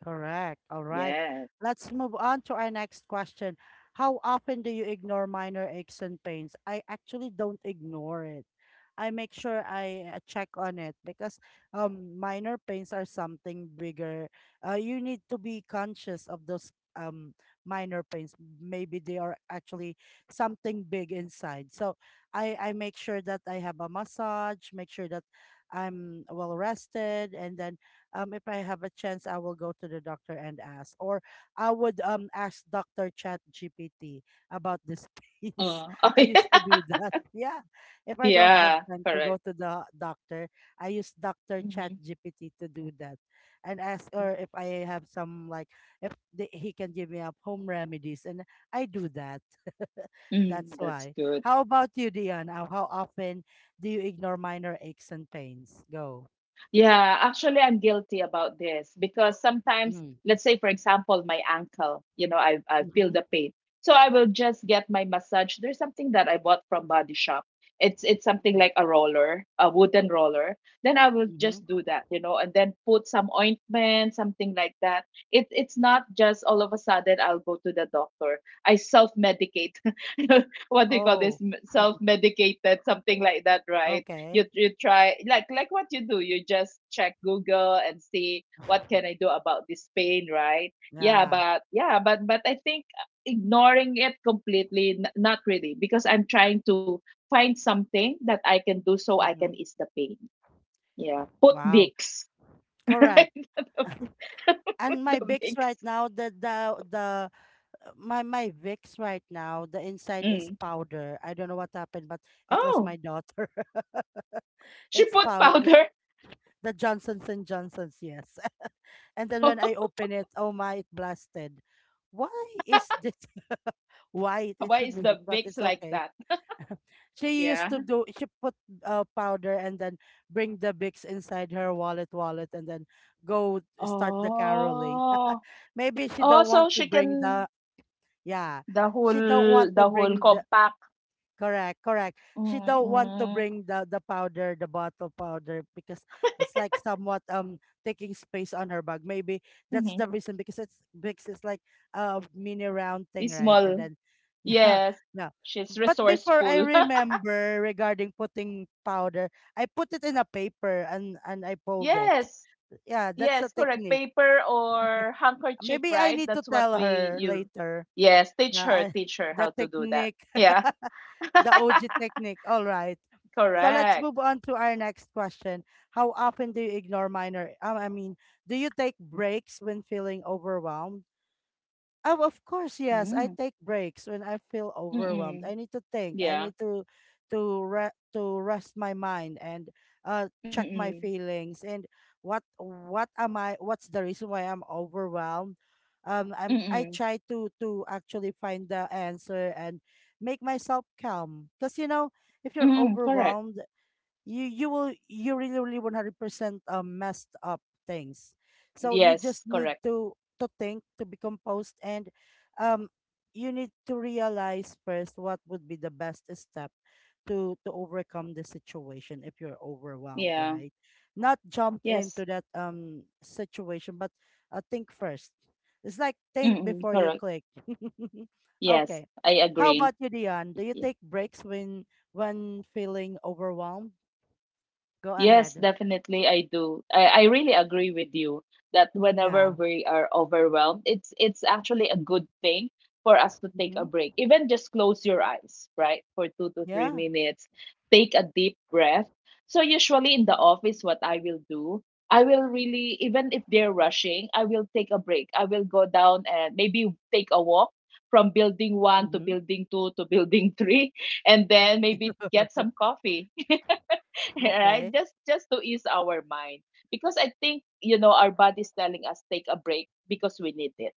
Correct. All right.
Yes.
Let's move on to our next question. How often do you ignore minor aches and pains? I actually don't ignore it. I make sure I uh, check on it because um minor pains are something bigger. Uh, you need to be conscious of those um minor pains. Maybe they are actually something big inside. So I I make sure that I have a massage, make sure that I'm well rested, and then um, if I have a chance, I will go to the doctor and ask, or I would um ask Doctor Chat G P T about these pains.
Uh, oh
I
yeah,
used to do that. Yeah, if I don't have
yeah,
time to
correct.
go to the doctor, I use Doctor Chat
Mm-hmm.
G P T to do that, and ask,
Mm-hmm.
or if I have some like if the, he can give me up home remedies, and I do that. That's
Mm, that's
why.
good.
How about you, Dion? How, how often do you ignore minor aches and pains? Go.
Yeah, actually, I'm guilty about this because sometimes,
Mm.
let's say, for example, my ankle, you know, I, I feel
Mm-hmm.
the pain. So I will just get my massage. There's something that I bought from Body Shop. It's it's something like a roller, a wooden roller. Then I will
Mhm.
just do that, you know, and then put some ointment, something like that. It it's not just all of a sudden I'll go to the doctor. I self-medicate. What do you call
Oh.
this? Self-medicated, something like that, right? you
Okay.
you try, like like what you do, you just check Google and see what can I do about this pain, right? Yeah,
Yeah.
but yeah, but but I think, uh, ignoring it completely, n- not really, because I'm trying to find something that I can do so I can
Mm-hmm.
ease the pain. Yeah, put
Wow.
Vicks.
Correct.
Right.
And
The
my Vicks right
Vicks.
now, the the the uh, my my Vicks right now, the inside is
Mm.
powder. I don't know what happened, but it was
Oh,
my daughter.
she
It's
put
pow. It's
powder.
the Johnsons and Johnsons. Yes. And then when I open it, oh my, it blasted. Why is this white? It
Why
should
is
be
the
Vicks, but
Vicks
it's
like
okay.
that?
She used
Yeah.
to do she put uh, powder and then bring the Bix inside her wallet wallet and then go start the caroling.
Oh.
Maybe she
Oh,
don't
so
want to
she
bring
can.
the yeah.
The
She don't want
whole
to
the whole
bring the
compact.
Correct, correct. She don't want to
Mm.
bring the the powder, the bottle powder, because it's like somewhat um taking space on her bag. Maybe that's
Mhm.
the reason because it's because it's like a mini round thing,
Is
right? And
small.
then yeah,
Yes.
no.
She's
But before, I
resourceful.
remember regarding putting powder, I put it in a paper and and I fold it.
Yes.
Yeah, that's a
Yes, correct.
technique.
Paper or handkerchief,
Maybe I
right?
need to
That's what
tell
we
her
use.
later.
Yes, teach
Yeah,
her,
I,
teach her
the
how to do that.
technique.
Yeah.
The O G technique. All right. So let's
Correct.
move on to our next question. How often do you ignore minor? Um, I mean, Do you take breaks when feeling overwhelmed? Oh, of course, yes. I
Mm.
take breaks when I feel overwhelmed. I
Mm-mm.
need to think. I
Yeah.
need to to re- to rest my mind and uh check
Mm-mm.
my feelings and what what am I what's the reason why I'm overwhelmed? Um I'm I
Mm-mm.
try to to actually find the answer and make myself calm because you know, if you're
Mm-mm. Correct.
overwhelmed, you you will you really, really one hundred percent um, messed up things, so you just
Yes,
need
correct.
to to think, to be composed, and um you need to realize first what would be the best step to to overcome the situation if you're overwhelmed,
Yeah.
right? Not jump into
Yes.
that um situation, but uh, think first. It's like think
Mm-mm.
before you
Correct.
click.
Yes,
Okay,
I
how about
agree.
you, Dion? Do you take breaks when when feeling overwhelmed? Go
Yes,
ahead.
definitely I do. I, I really agree with you that whenever
Yeah.
we are overwhelmed, it's it's actually a good thing for us to take a
Mm-hmm.
break. Even just close your eyes, right? For two to three
Yeah.
minutes. Take a deep breath. So usually in the office, what I will do, I will really, even if they're rushing, I will take a break. I will go down and maybe take a walk from building one to
Mm-hmm.
building two to building three, and then maybe get some coffee. Right,
Okay.
just just to ease our mind, because I think, you know, our body's telling us take a break because we need it.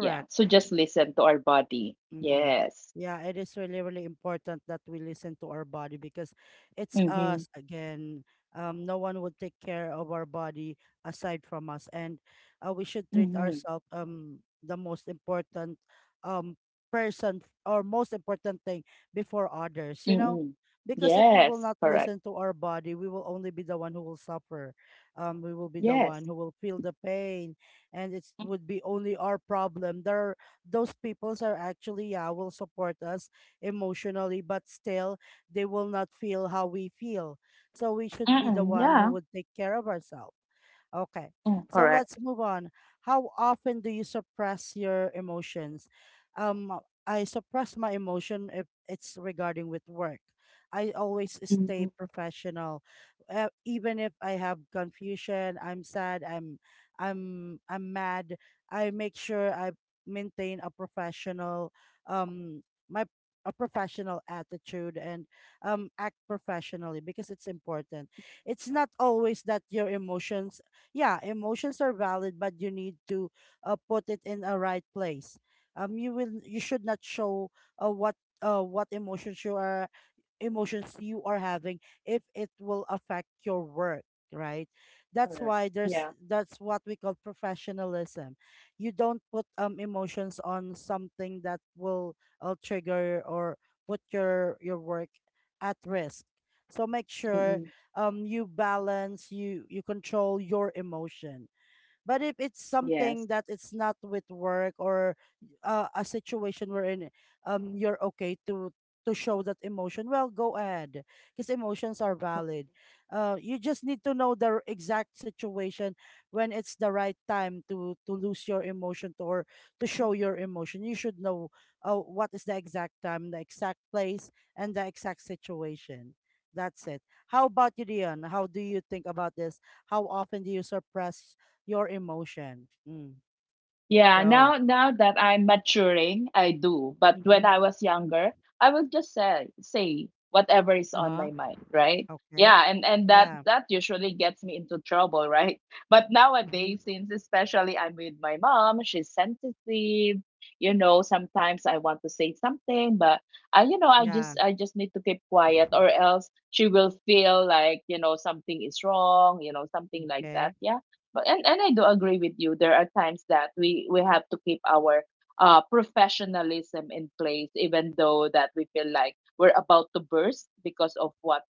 Yeah, so just listen to our body.
Mm-hmm.
Yes.
Yeah, it is really, really important that we listen to our body because it's
Mm-hmm.
us again. Um, no one would take care of our body aside from us, and uh, we should treat
Mm-hmm.
ourselves um the most important um person f- or most important thing before others. You know,
Mm-hmm.
because if we will
Yes,
not
correct.
listen to our body, we will only be the one who will suffer. Um, we will be the one
Yes.
who will feel the pain, and it would be only our problem. There, those peoples are actually, yeah, will support us emotionally, but still, they will not feel how we feel, so we should be the
Mm-mm.
one who
Yeah.
would take care of ourselves. Okay,
Mm,
so
correct.
let's move on. How often do you suppress your emotions? Um, I suppress my emotion if it's regarding with work. I always stay
Mm-hmm.
professional, uh, even if I have confusion, I'm sad, I'm, I'm, I'm mad. I make sure I maintain a professional, um, my a professional attitude and um act professionally because it's important. It's not always that your emotions, yeah, emotions are valid, but you need to uh, put it in a right place. Um, you will you should not show uh, what uh, what emotions you are emotions you are having if it will affect your work, right? that's
Correct.
why there's
Yeah.
That's what we call professionalism. You don't put um emotions on something that will uh, trigger or put your your work at risk. So make
Mm-hmm.
sure um you balance, you you control your emotion. But if it's
Yes.
something that it's not with work, or uh, a situation wherein um you're okay to to show that emotion, well, go ahead, because emotions are valid. Uh, you just need to know the r- exact situation when it's the right time to to lose your emotion to, or to show your emotion. You should know uh, what is the exact time, the exact place, and the exact situation. That's it. How about you, Dion? How do you think about this? How often do you suppress your emotion? Mm,
Yeah,
go.
now now that I'm maturing, I do. But when
Mm-hmm.
I was younger, I would just say say whatever is on my
Uh-huh.
mind, right?
Okay.
Yeah, and and that
Yeah.
that usually gets me into trouble, right? But
Mm-hmm.
nowadays, since especially I'm with my mom, she's sensitive. You know, sometimes I want to say something, but I, you know, I
Yeah.
just I just need to keep quiet, or else she will feel like, you know, something is wrong, you know, something like that.
Okay.
Yeah, but and, and I do agree with you. There are times that we we have to keep our uh professionalism in place, even though that we feel like we're about to burst because of what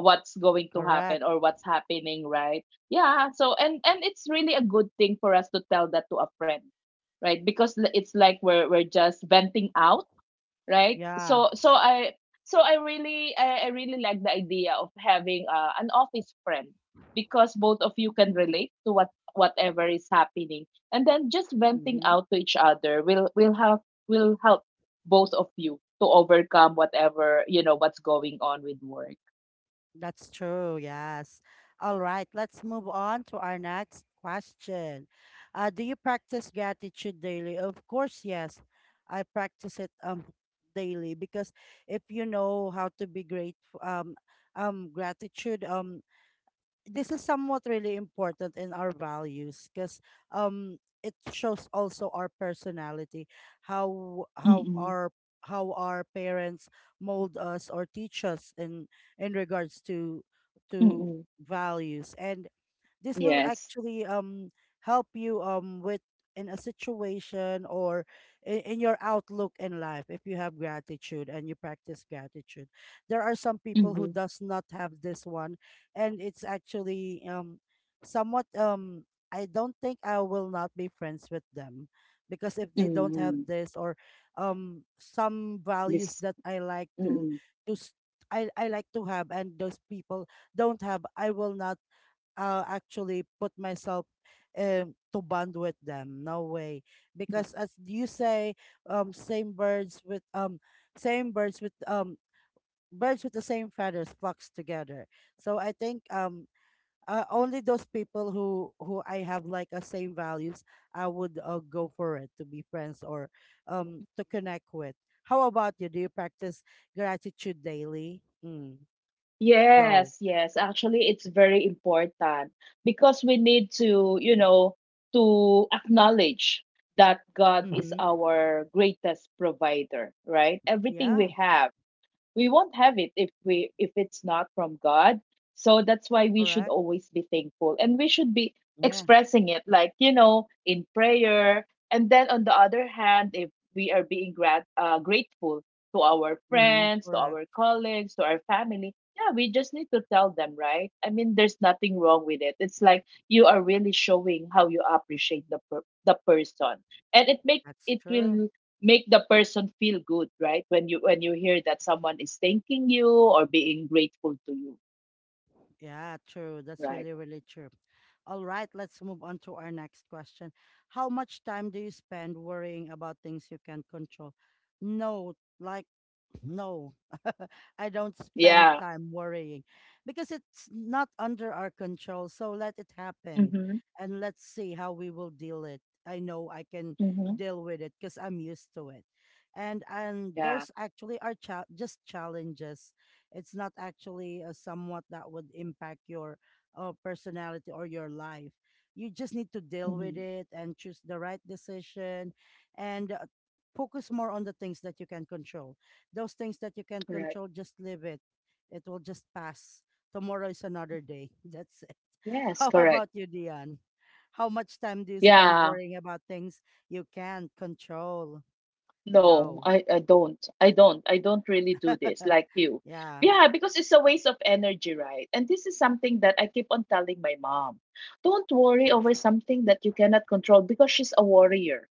what's going to
Correct.
happen or what's happening, right? Yeah. So and and it's really a good thing for us to tell that to a friend, right? Because l- it's like we're we're just venting out, right?
Yeah.
So so i so I really, i, I really like the idea of having uh, an office friend, because both of you can relate to what whatever is happening, and then just venting
Mm-hmm.
out to each other will will have, will help both of you to overcome whatever, you know, what's going on with work.
That's true. Yes. All right. Let's move on to our next question. Uh, do you practice gratitude daily? Of course, yes. I practice it um daily because if you know how to be grateful, um um gratitude um this is somewhat really important in our values because um it shows also our personality, how how
Mm,
our how our parents mold us or teach us in in regards to to
mm.
values, and this will
Yes.
actually um help you um with, in a situation or in, in your outlook in life if you have gratitude and you practice gratitude. There are some people who
Mhm,
does not have this one, and it's actually um somewhat um I don't think, I will not be friends with them because if they don't have
mm.
this, or um some values
This.
that I like to
Mm.
to s- I, I like to have and those people don't have, I will not uh, actually put myself um, to bond with them. No way, because as you say, um, same birds with um, same birds with um, birds with the same feathers flocks together. So I think, um, uh, only those people who who I have like a same values, I would uh, go for it to be friends or um to connect with. How about you? Do you practice gratitude daily? Mm, go.
Yes, yes. Actually, it's very important because we need to, you know, to acknowledge that God is
Mm-hmm.
our greatest provider, right? Everything
Yeah.
we have, we won't have it if we, if it's not from God. So that's why we should
Correct.
always be thankful, and we should be
Yeah.
expressing it, like, you know, in prayer. And then on the other hand, if we are being grat- uh, grateful to our
Mm-hmm,
friends, to
correct.
our colleagues, to our family, yeah, we just need to tell them, right? I mean, there's nothing wrong with it. It's like you are really showing how you appreciate the per- the person, and it make
That's
it
true.
will make the person feel good, right, when you, when you hear that someone is thanking you or being grateful to you,
Yeah, true. That's
right?
really, really true. All right, let's move on to our next question. How much time do you spend worrying about things you can't control? No, like, no, I don't spend
Yeah.
time worrying because it's not under our control. So let it happen
Mhm.
and let's see how we will deal it. I know I can
Mhm.
deal with it because I'm used to it. And and
Yeah.
those actually are cha- just challenges. It's not actually a somewhat that would impact your uh, personality or your life. You just need to deal
Mhm.
with it and choose the right decision and uh, focus more on the things that you can control. Those things that you can
Correct.
control, just leave it. It will just pass. Tomorrow is another day. That's it.
Yes.
How
Correct.
about you, Dion? How much time do you spend
Yeah.
worrying about things you can't control?
No,
Go.
i i don't, I don't, I don't really do this like you.
Yeah.
Yeah, because it's a waste of energy, right? And this is something that I keep on telling my mom: don't worry over something that you cannot control, because she's a warrior.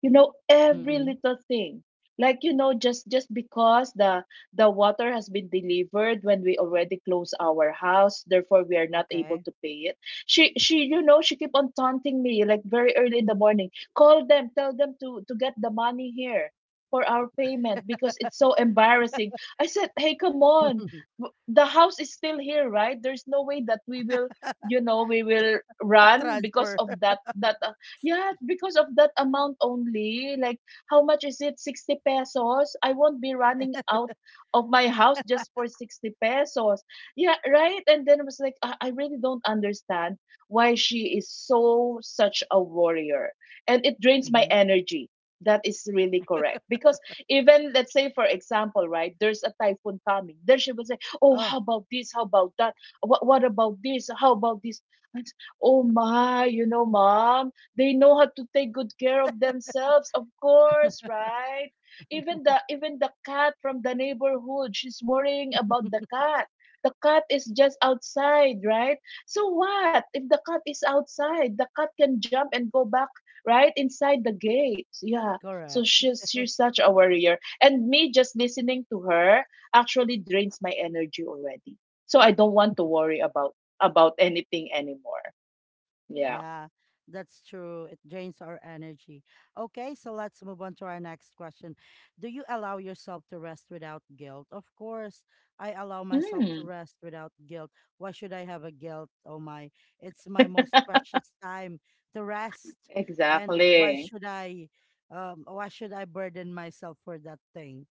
You know, every
Mm-mm.
little thing, like, you know, just just because the the water has been delivered when we already close our house, therefore we are not able
Okay.
to pay it, she she you know, she keep on taunting me, like, very early in the morning: call them, tell them to to get the money here for our payment, because it's so embarrassing. I said, hey, come on, w- the house is still here, right? There's no way that we will, you know, we will run because
Transfer.
of that, that, uh, yeah, because of that amount only. Like, how much is it? sixty pesos? I won't be running out of my house just for sixty pesos. Yeah, right? And then I was like, I, I really don't understand why she is so, such a warrior. And it drains my energy. That is really correct. Because even, let's say, for example, right, there's a typhoon coming, then she will say, oh,
Oh,
how about this? How about that? What, what about this? How about this? And, oh, my, you know, mom, they know how to take good care of themselves, of course, right? Even the, even the cat from the neighborhood, she's worrying about the cat. The cat is just outside, right? So what if the cat is outside? The cat can jump and go back right inside the gates. Yeah. So
correct.
she's she's such a worrier, and me just listening to her actually drains my energy already. So I don't want to worry about about anything anymore. Yeah.
Yeah, that's true. It drains our energy. Okay, so let's move on to our next question. Do you allow yourself to rest without guilt? Of course, I allow myself to
Mm.
rest without guilt. Why should I have a guilt? Oh my, it's my most precious time to rest. And why
Exactly.
should I um why should I burden myself for that thing?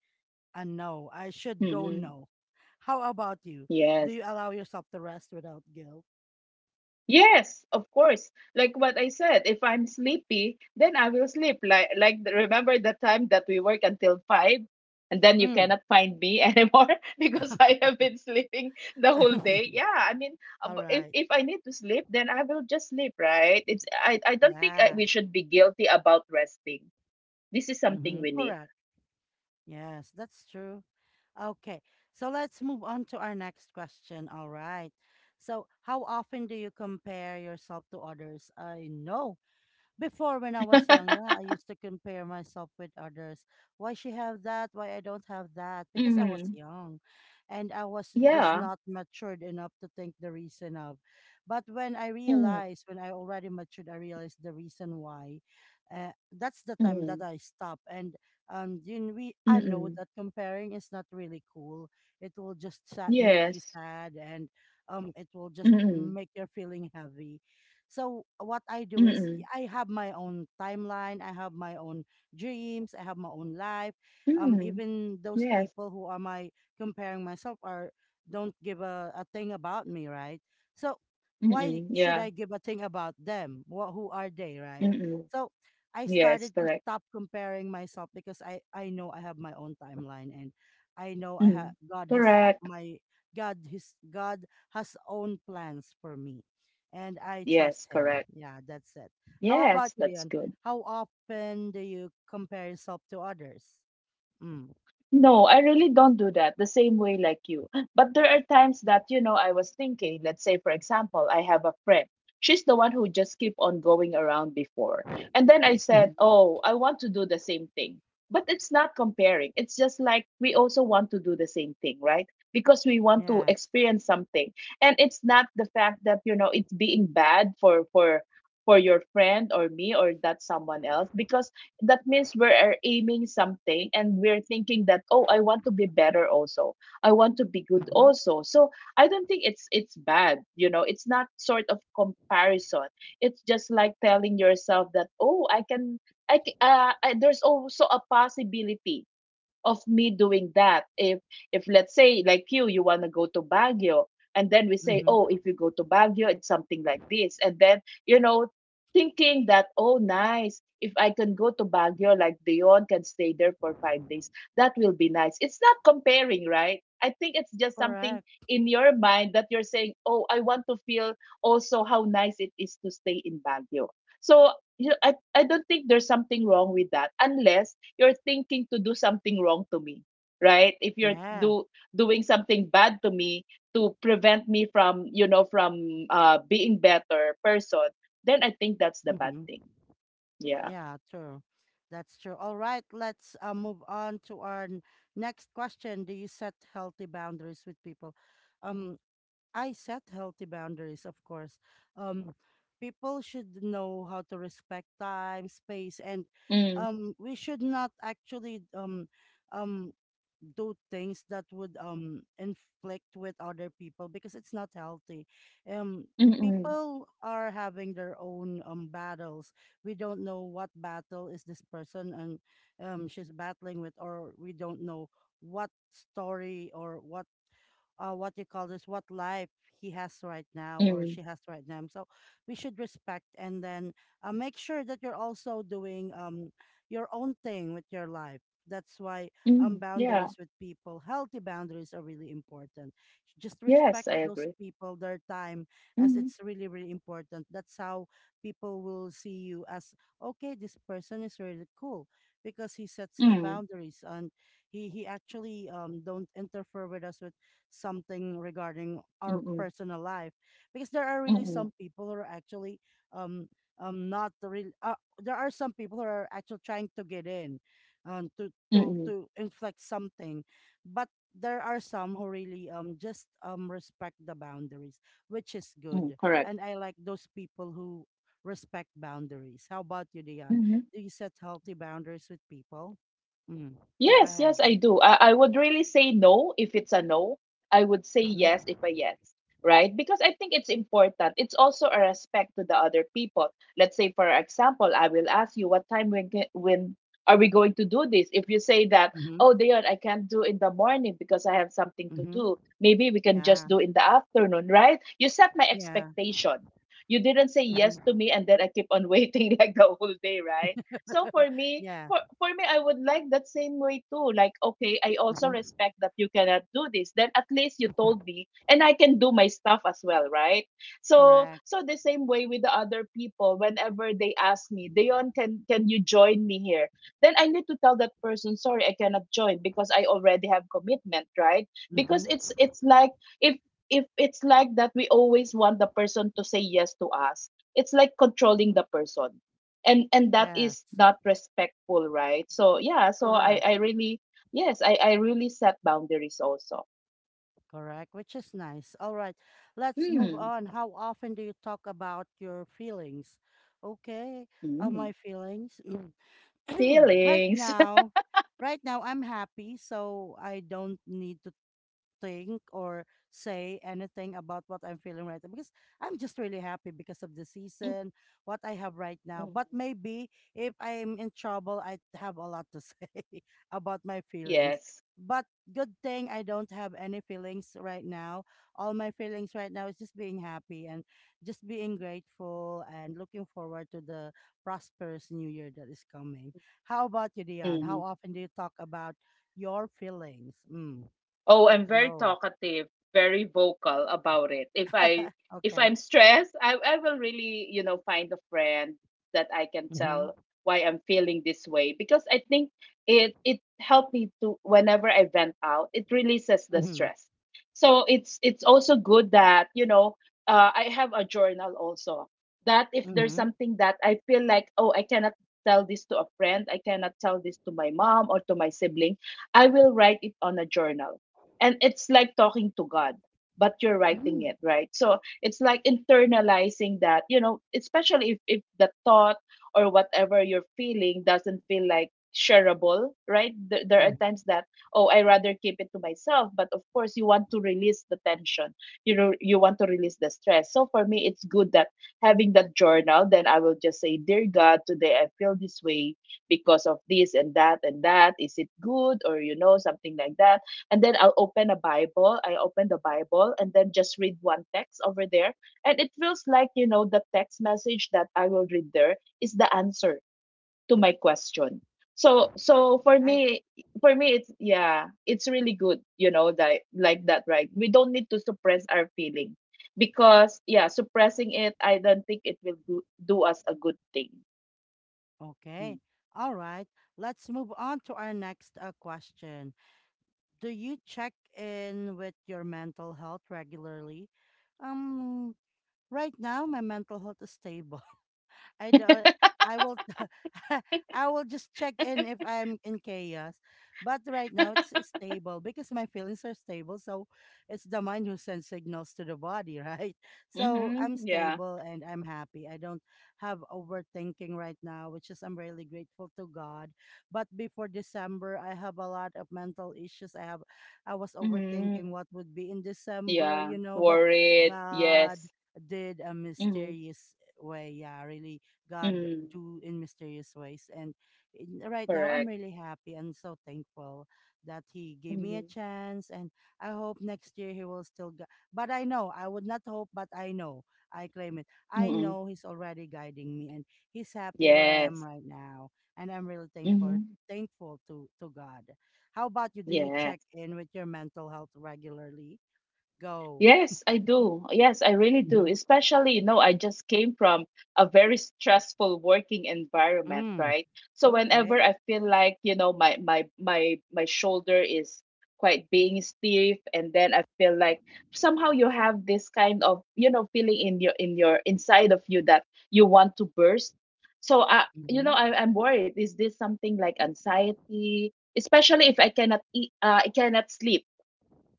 And no, I should go
Hmm.
no. How about you? Do
Yes.
you allow yourself to rest without guilt?
Yes, of course. Like what I said, if I'm sleepy, then I will sleep. Like like the- remember the time that we work until five, and then you
Mm.
cannot find me anymore, because I have been sleeping the whole day. Yeah, I mean, uh,
All
b- if
right.
if I need to sleep, then I will just sleep, right? It's, I I don't think I,
Yeah.
we should be guilty about resting. This is something
Mm-hmm.
we need.
Correct. Yes, that's true. Okay. So let's move on to our next question. All right. So, how often do you compare yourself to others? I know, before, when I was young, yeah, I used to compare myself with others. Why she have that? Why I don't have that? Because I was
Mm.
young, and I was
Yeah.
just not matured enough to think the reason of. But when I
Mm.
realized, when I already matured, I realized the reason why. Uh, that's the time
Mm.
that I stopped, and um, then we I know
Mm-mm.
that comparing is not really cool. It will just sa- make you
Yes.
sad, and um, it will just
Mm,
make your feeling heavy, so what I do is
mm,
I have my own timeline, I have my own dreams, I have my own life. Um,
mm,
even those
yes,
people who are my, comparing myself are, don't give a, a thing about me, right? So why
mm,
should
yeah,
I give a thing about them? What, who are they, right?
mm,
So I
yes,
started to
correct,
stop comparing myself because I I know I have my own timeline, and I know I
mm,
ha- God has
correct,
my, God his God has own plans for me and I
yes,
trust him.
correct,
Yeah, that's it. How about
yes,
you,
that's
Leon?
good.
How often do you compare yourself to others? Mm.
No, I really don't do that the same way like you. But there are times that, you know, I was thinking, let's say, for example, I have a friend. She's the one who just keep on going around before. And then I said,
Mm-hmm.
oh, I want to do the same thing. But it's not comparing. It's just like we also want to do the same thing, right? Because we want to
Yes.
experience something. And it's not the fact that, you know, it's being bad for, for for your friend or me or that someone else, because that means we're aiming something, and we're thinking that, oh, I want to be better also, I want to be good
Mm-hmm.
also. So I don't think it's it's bad, you know. It's not sort of comparison. It's just like telling yourself that, oh, I can, i, c- uh, I, there's also a possibility of me doing that. if if let's say, like, you you want to go to Baguio, and then we say,
Mm-hmm.
oh, if you go to Baguio, it's something like this, and then, you know, thinking that, oh, nice, if I can go to Baguio like Dion, can stay there for five days, that will be nice. It's not comparing, right? I think it's just something
Correct.
in your mind that you're saying, oh, I want to feel also how nice it is to stay in Baguio. So you, I, I don't think there's something wrong with that, unless you're thinking to do something wrong to me, right? If you're
Yeah.
do doing something bad to me to prevent me from, you know, from uh being better person, then I think that's the bad
Mm-hmm.
thing. Yeah.
Yeah, true. That's true. All right, let's uh, move on to our n- next question. Do you set healthy boundaries with people? Um, I set healthy boundaries, of course. Um, people should know how to respect time, space, and
Mm,
um, we should not actually um, um, do things that would um, inflict with other people because it's not healthy. Um,
mm, mm,
people are having their own um, battles. We don't know what battle is this person and um, she's battling with, or we don't know what story or what uh, what you call this, what life he has right now or
mm,
she has right now. So we should respect and then uh, make sure that you're also doing um, your own thing with your life. That's why um,
mm, yeah.
boundaries with people, healthy boundaries are really important. Just respect
Yes, I
those
agree.
people, their time, as
Mm,
it's really, really important. That's how people will see you as, okay, this person is really cool because he sets
mm,
his
mm,
boundaries and he he actually um don't interfere with us with something regarding our
mm,
personal life, because there are
mm,
really
mm,
some people who are actually um um not really, uh, there are some people who are actually trying to get in, um to to
mm,
to inflict something. But there are some who really um just um respect the boundaries, which is
mm,
good.
correct.
And I like those people who respect boundaries. How about you, Dion?
Mm-hmm.
Do you set healthy boundaries with people? Mm. Go
Yes,
ahead.
yes, I do. I, I would really say no if it's a no. I would say yes
Mm-hmm.
if a yes, right? Because I think it's important. It's also a respect to the other people. Let's say, for example, I will ask you what time when ca- when are we going to do this? If you say that,
Mm-hmm.
oh, Dion, I can't do in the morning because I have something to
Mm-hmm.
do. Maybe we can just
Yeah.
do in the afternoon, right? You set my
Yeah.
expectation. You didn't say yes
Mhm.
to me and then I keep on waiting like the whole day, right? So for me,
Yeah.
for for me, I would like that same way too. Like, okay, I also
Mhm.
respect that you cannot do this, then at least you
Mhm.
told me and I can do my stuff as well, right? so
Correct.
so the same way with the other people, whenever they ask me, Dion, can can you join me here, then I need to tell that person, sorry, I cannot join because I already have commitment, right? Because
Mhm.
it's it's like, if if it's like that, we always want the person to say yes to us. It's like controlling the person. And and that
Yes.
is not respectful, right? So yeah, so i
Correct.
i really, yes, i i really set boundaries also.
Correct. Which is nice. All right. Let's move
Hmm.
on. How often do you talk about your feelings? Okay. Uh,
Mm.
my feelings. Mm. right
Feelings.
now, right now I'm happy, so I don't need to think or say anything about what I'm feeling right now because I'm just really happy because of the season, what I have right now.
Mm,
But maybe if I'm in trouble, I have a lot to say about my feelings.
yes.
But good thing I don't have any feelings right now. All my feelings right now is just being happy and just being grateful and looking forward to the prosperous new year that is coming. How about you, Dion?
Mm-hmm.
How often do you talk about your feelings? Mm,
Oh, I'm very
go.
talkative, very vocal about it. If I, if I'm
Okay.
stressed, I, I will really, you know, find a friend that I can
Mm-hmm.
tell why I'm feeling this way, because I think it it helped me to, whenever I vent out, it releases the
Mm-hmm.
stress. So it's it's also good that, you know, uh, I have a journal also, that if there's
Mm-hmm.
something that I feel like, oh, I cannot tell this to a friend, I cannot tell this to my mom or to my sibling, I will write it on a journal, and it's like talking to God, but you're
Mm-hmm.
writing it, right? So it's like internalizing that, you know, especially if, if the thought or whatever you're feeling doesn't feel like shareable, right? There, there are
Mm-hmm.
times that, oh, I rather keep it to myself, but of course you want to release the tension, you know, you want to release the stress. So for me, it's good that having that journal, then I will just say, dear God, today I feel this way because of this and that and that. Is it good? Or you know, something like that. And then I'll open a Bible. I open the Bible and then just read one text over there. And it feels like, you know, the text message that I will read there is the answer to my question. So
All
so for
right.
me for me, it's yeah, it's really good, you know, that like that, right? We don't need to suppress our feeling, because yeah, suppressing it, I don't think it will do, do us a good thing.
Okay.
Mm.
All right. Let's move on to our next uh, question. Do you check in with your mental health regularly? Um, right now, my mental health is stable. I don't. I will. I will just check in if I'm in chaos. But right now it's stable because my feelings are stable. So it's the mind who sends signals to the body, right? So I'm
Mhm. Yeah.
stable and I'm happy. I don't have overthinking right now, which is I'm really grateful to God. But before December, I have a lot of mental issues. I have. I was
Mhm.
overthinking what would be in December,
Yeah.
you know. But
Worried.
God
Yes.
did a
Mhm.
mysterious way. Yeah, really God
Mhm.
do in mysterious ways. And in, right now,
Correct.
I'm really happy and so thankful that He gave me
Mhm.
a chance. And I hope next year He will still. Gu- but I know I would not hope, but I know I claim it. I
Mhm.
know He's already guiding me, and He's happy where I am
Yes.
right now. And I'm really thankful
Mhm.
thankful to to God. How about you? Do you
Yeah.
check in with your mental health regularly? Go.
Yes, I do. Yes, I really do.
Mm-hmm.
Especially, you know, I just came from a very stressful working environment,
Mm.
right? So whenever
Okay.
I feel like, you know, my my my my shoulder is quite being stiff, and then I feel like somehow you have this kind of, you know, feeling in your in your inside of you that you want to burst. So I, you know,
Mm-hmm.
I, I'm worried. Is this something like anxiety? Especially if I cannot eat, uh, I cannot sleep,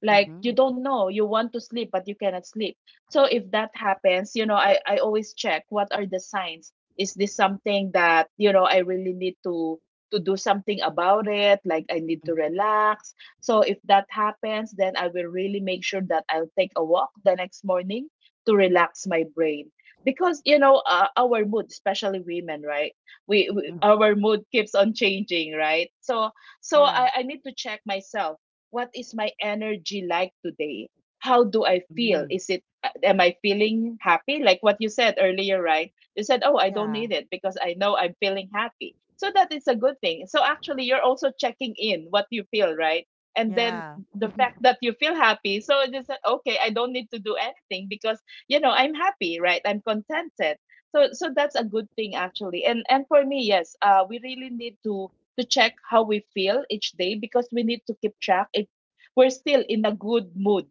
like
Mm-hmm.
you don't know, you want to sleep but you cannot sleep. So if that happens, you know, i i always check what are the signs. Is this something that, you know, I really need to to do something about it, like I need to relax? So if that happens, then I will really make sure that I'll take a walk the next morning to relax my brain. Because you know, uh, our mood, especially women, right? We, we our
Mm-hmm.
mood keeps on changing, right? so so I,
Correct.
I need to check myself. What is my energy like today? How do I feel?
Mhm.
Is it uh, am I feeling happy? Like what you said earlier, right? You said, "Oh, I don't
Yeah.
need it because I know I'm feeling happy." So that is a good thing. So actually, you're also checking in what you feel, right? And then
Yeah.
the fact that you feel happy, so it is okay. I don't need to do anything because, you know, I'm happy, right? I'm contented. So so that's a good thing actually. And and for me, yes, uh, we really need to to check how we feel each day, because we need to keep track if we're still in a good mood,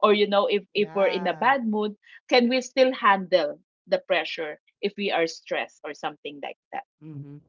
or you know, if if we're in a
Yeah.
bad mood, can we still handle the pressure if we are stressed or something like that.
Mhm.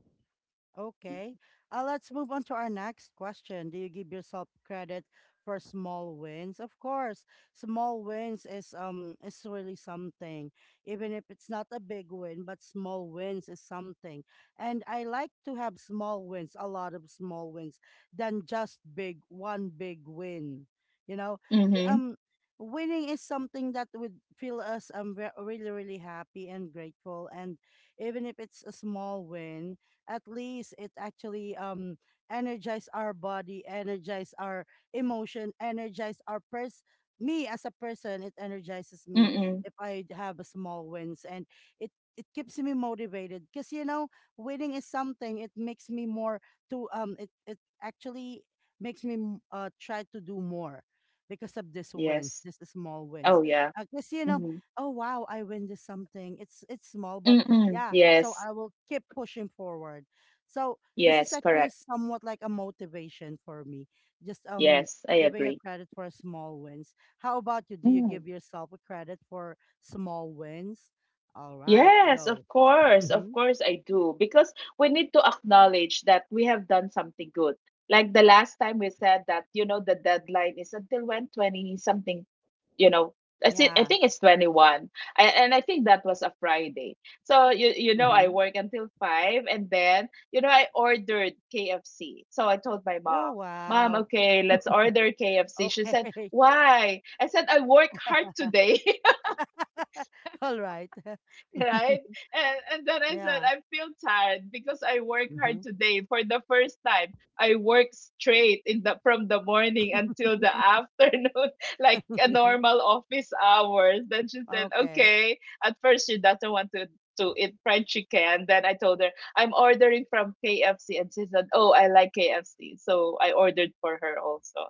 Okay. Uh, let's move on to our next question. Do you give yourself credit for small wins? Of course, small wins is um is really something. Even if it's not a big win, but small wins is something. And I like to have small wins, a lot of small wins, than just big one big win. You know, B-
Mm-hmm.
um, winning is something that would feel us um re- really really happy and grateful. And even if it's a small win, at least it actually um energize our body, energize our emotion, energize our pers me as a person, it energizes me
Mm-mm.
if I have a small wins, and it it keeps me motivated because you know winning is something, it makes me more to um it, it actually makes me m- uh try to do more because of this wins
Yes.
this small wins
Oh yeah.
because you know
Mhm.
oh wow, I win this something, it's it's small but
Mm-mm.
yeah. So
Yes.
I will keep pushing forward. So this is
Yes.
actually
Correct.
somewhat like a motivation for me. Just um
Yes. I
giving a
agree.
credit for small wins. How about you? Do you
Mm.
give yourself a credit for small wins? All right,
Yes, of
go.
course. Of
Mm-hmm.
course I do. Because we need to acknowledge that we have done something good. Like the last time we said that, you know, the deadline is until when, twenty something, you know, I think I
Yeah.
think it's twenty-one. I, and I think that was a Friday. So you you know, I
Mm-hmm.
work until five, and then, you know, I ordered K F C. So I told my
Oh
mom, "Mom,
wow.
okay, let's order K F C." She said,
Okay.
"Why?" I said, "I work hard today."
All right.
Right? And and then I said,
Yeah.
I feel tired because I work
Mm-hmm.
hard today. For the first time, I work straight in the from the morning until the afternoon, like a normal office hours. Then she said,
Okay.
okay. At first, she doesn't want to to eat fried chicken. Then I told her I'm ordering from K F C, and she said, oh, I like K F C, so I ordered for her also.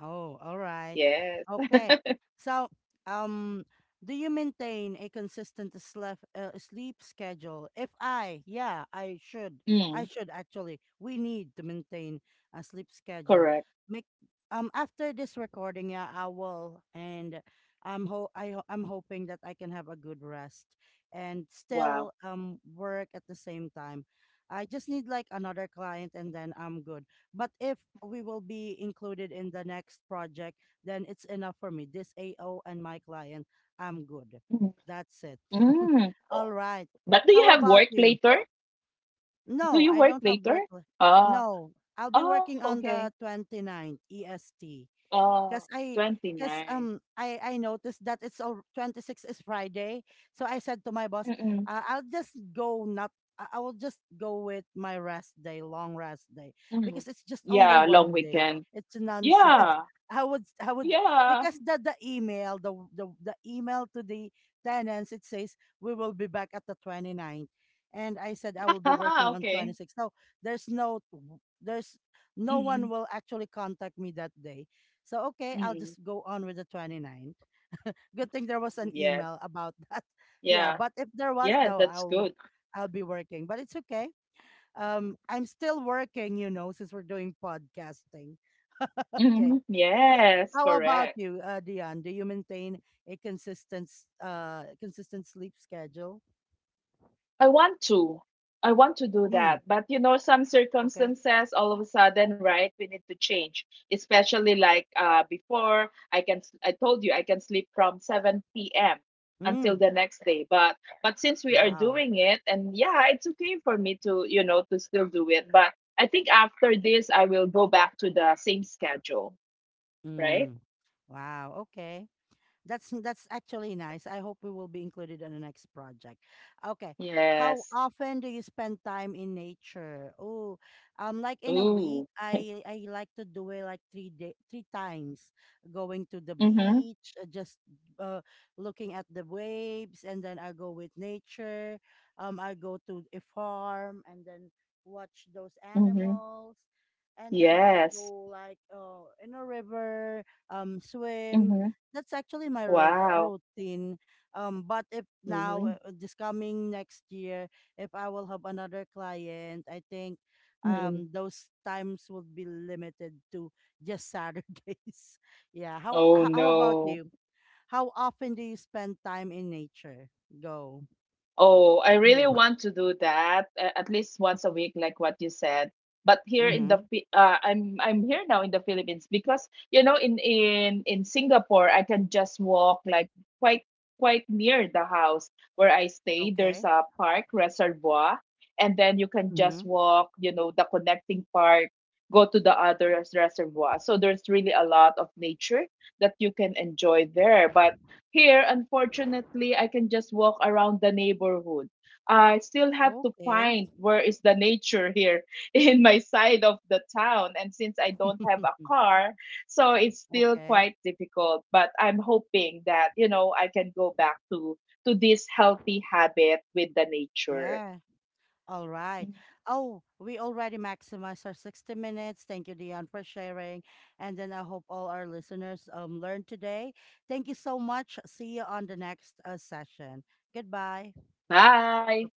Oh, all right.
Yes.
Okay. So, um, do you maintain a consistent slef- uh, sleep schedule? If I, yeah, I should.
Mm,
I should actually. We need to maintain a sleep schedule.
correct.
Make um after this recording, yeah, I will, and I'm ho I ho- I'm hoping that I can have a good rest and
Wow.
still um work at the same time. I just need like another client, and then I'm good. But if we will be included in the next project, then it's enough for me. This A O and my client, I'm good.
Mm.
That's it.
Mm.
All right.
But do you
How
have
about
work
you?
later? Do
No,
you
I
work
don't have
later?
work. li-
Oh.
No, I'll be
Oh,
working on
okay.
the 29th E S T, because
Oh,
I because
29.
um I I noticed that it's all twenty-sixth is Friday, so I said to my boss,
Mm-mm.
uh, I'll just go not, I I will just go with my rest day, long rest day,
Mm.
because it's just only
Yeah, long
one day.
weekend.
It's nonsense.
Yeah.
I would I would
Yeah.
because the the email the the the email to the tenants, it says we will be back at the 29th, and I said I will be working on
Okay.
twenty six. So there's no there's no one
Mm-mm.
will actually contact me that day, so okay, I'll
Mm-mm.
just go on with the 29th. Good thing there was an
Yes.
email about that. Yeah,
Yeah.
but if there was
Yeah,
though,
that's
I'll
good.
I'll be working. But it's okay. Um I'm still working, you know, since we're doing podcasting.
Mm-hmm.
Okay. So
Yes,
how about
correct.
you, uh, Dion? Do you maintain a consistent s- uh consistent sleep schedule?
I want to. I want to do
Hmm.
that. But you know, some
Okay.
circumstances all of a sudden, right, we need to change. Especially like uh, before, I can s- I told you I can sleep from seven p m until
Mm.
the next day. But but since we are
Wow.
doing it, and yeah, it's okay for me to, you know, to still do it. But I think after this I will go back to the same schedule, right?
Mm. Wow. Okay. That's that's actually nice. I hope we will be included on the next project. Okay.
Yes.
How often do you spend time in nature? Oh, um, like in a
Ooh.
week, I I like to do it like three day three times, going to the
Mm-hmm.
beach, uh, just uh, looking at the waves, and then I go with nature. Um, I go to a farm and then watch those
Mm-hmm.
animals, and then I
Yes.
go like, uh, in a river, um, swim,
Mm-hmm.
that's actually my road
Wow.
routine. Um, but if now,
Mm-hmm.
uh, this coming next year, if I will have another client, I think
Mm-hmm.
um those times will be limited to just Saturdays. Yeah. How
Oh
h- how about
no.
you? How often do you spend time in nature? Go.
Oh, I really
Mm.
want to do that, a- at least once a week, like what you said. But here in the
Mm-hmm.
Phi- uh, I'm I'm here now in the Philippines, because you know, in in in Singapore I can just walk like quite quite near the house where I stay. There's
Okay.
a park reservoir, and then you can
Mm-hmm.
just walk, you know, the connecting park, go to the other reservoir. So there's really a lot of nature that you can enjoy there. But here, unfortunately, I can just walk around the neighborhood. I still have to
Okay.
find where is the nature here in my side of the town. And since I don't have a car, so it's still
Okay.
quite difficult. But I'm hoping that, you know, I can go back to to this healthy habit with the nature.
Yeah. All right. Oh, we already maximized our sixty minutes. Thank you, Dion, for sharing. And then I hope all our listeners um, learned today. Thank you so much. See you on the next uh, session. Goodbye.
Bye.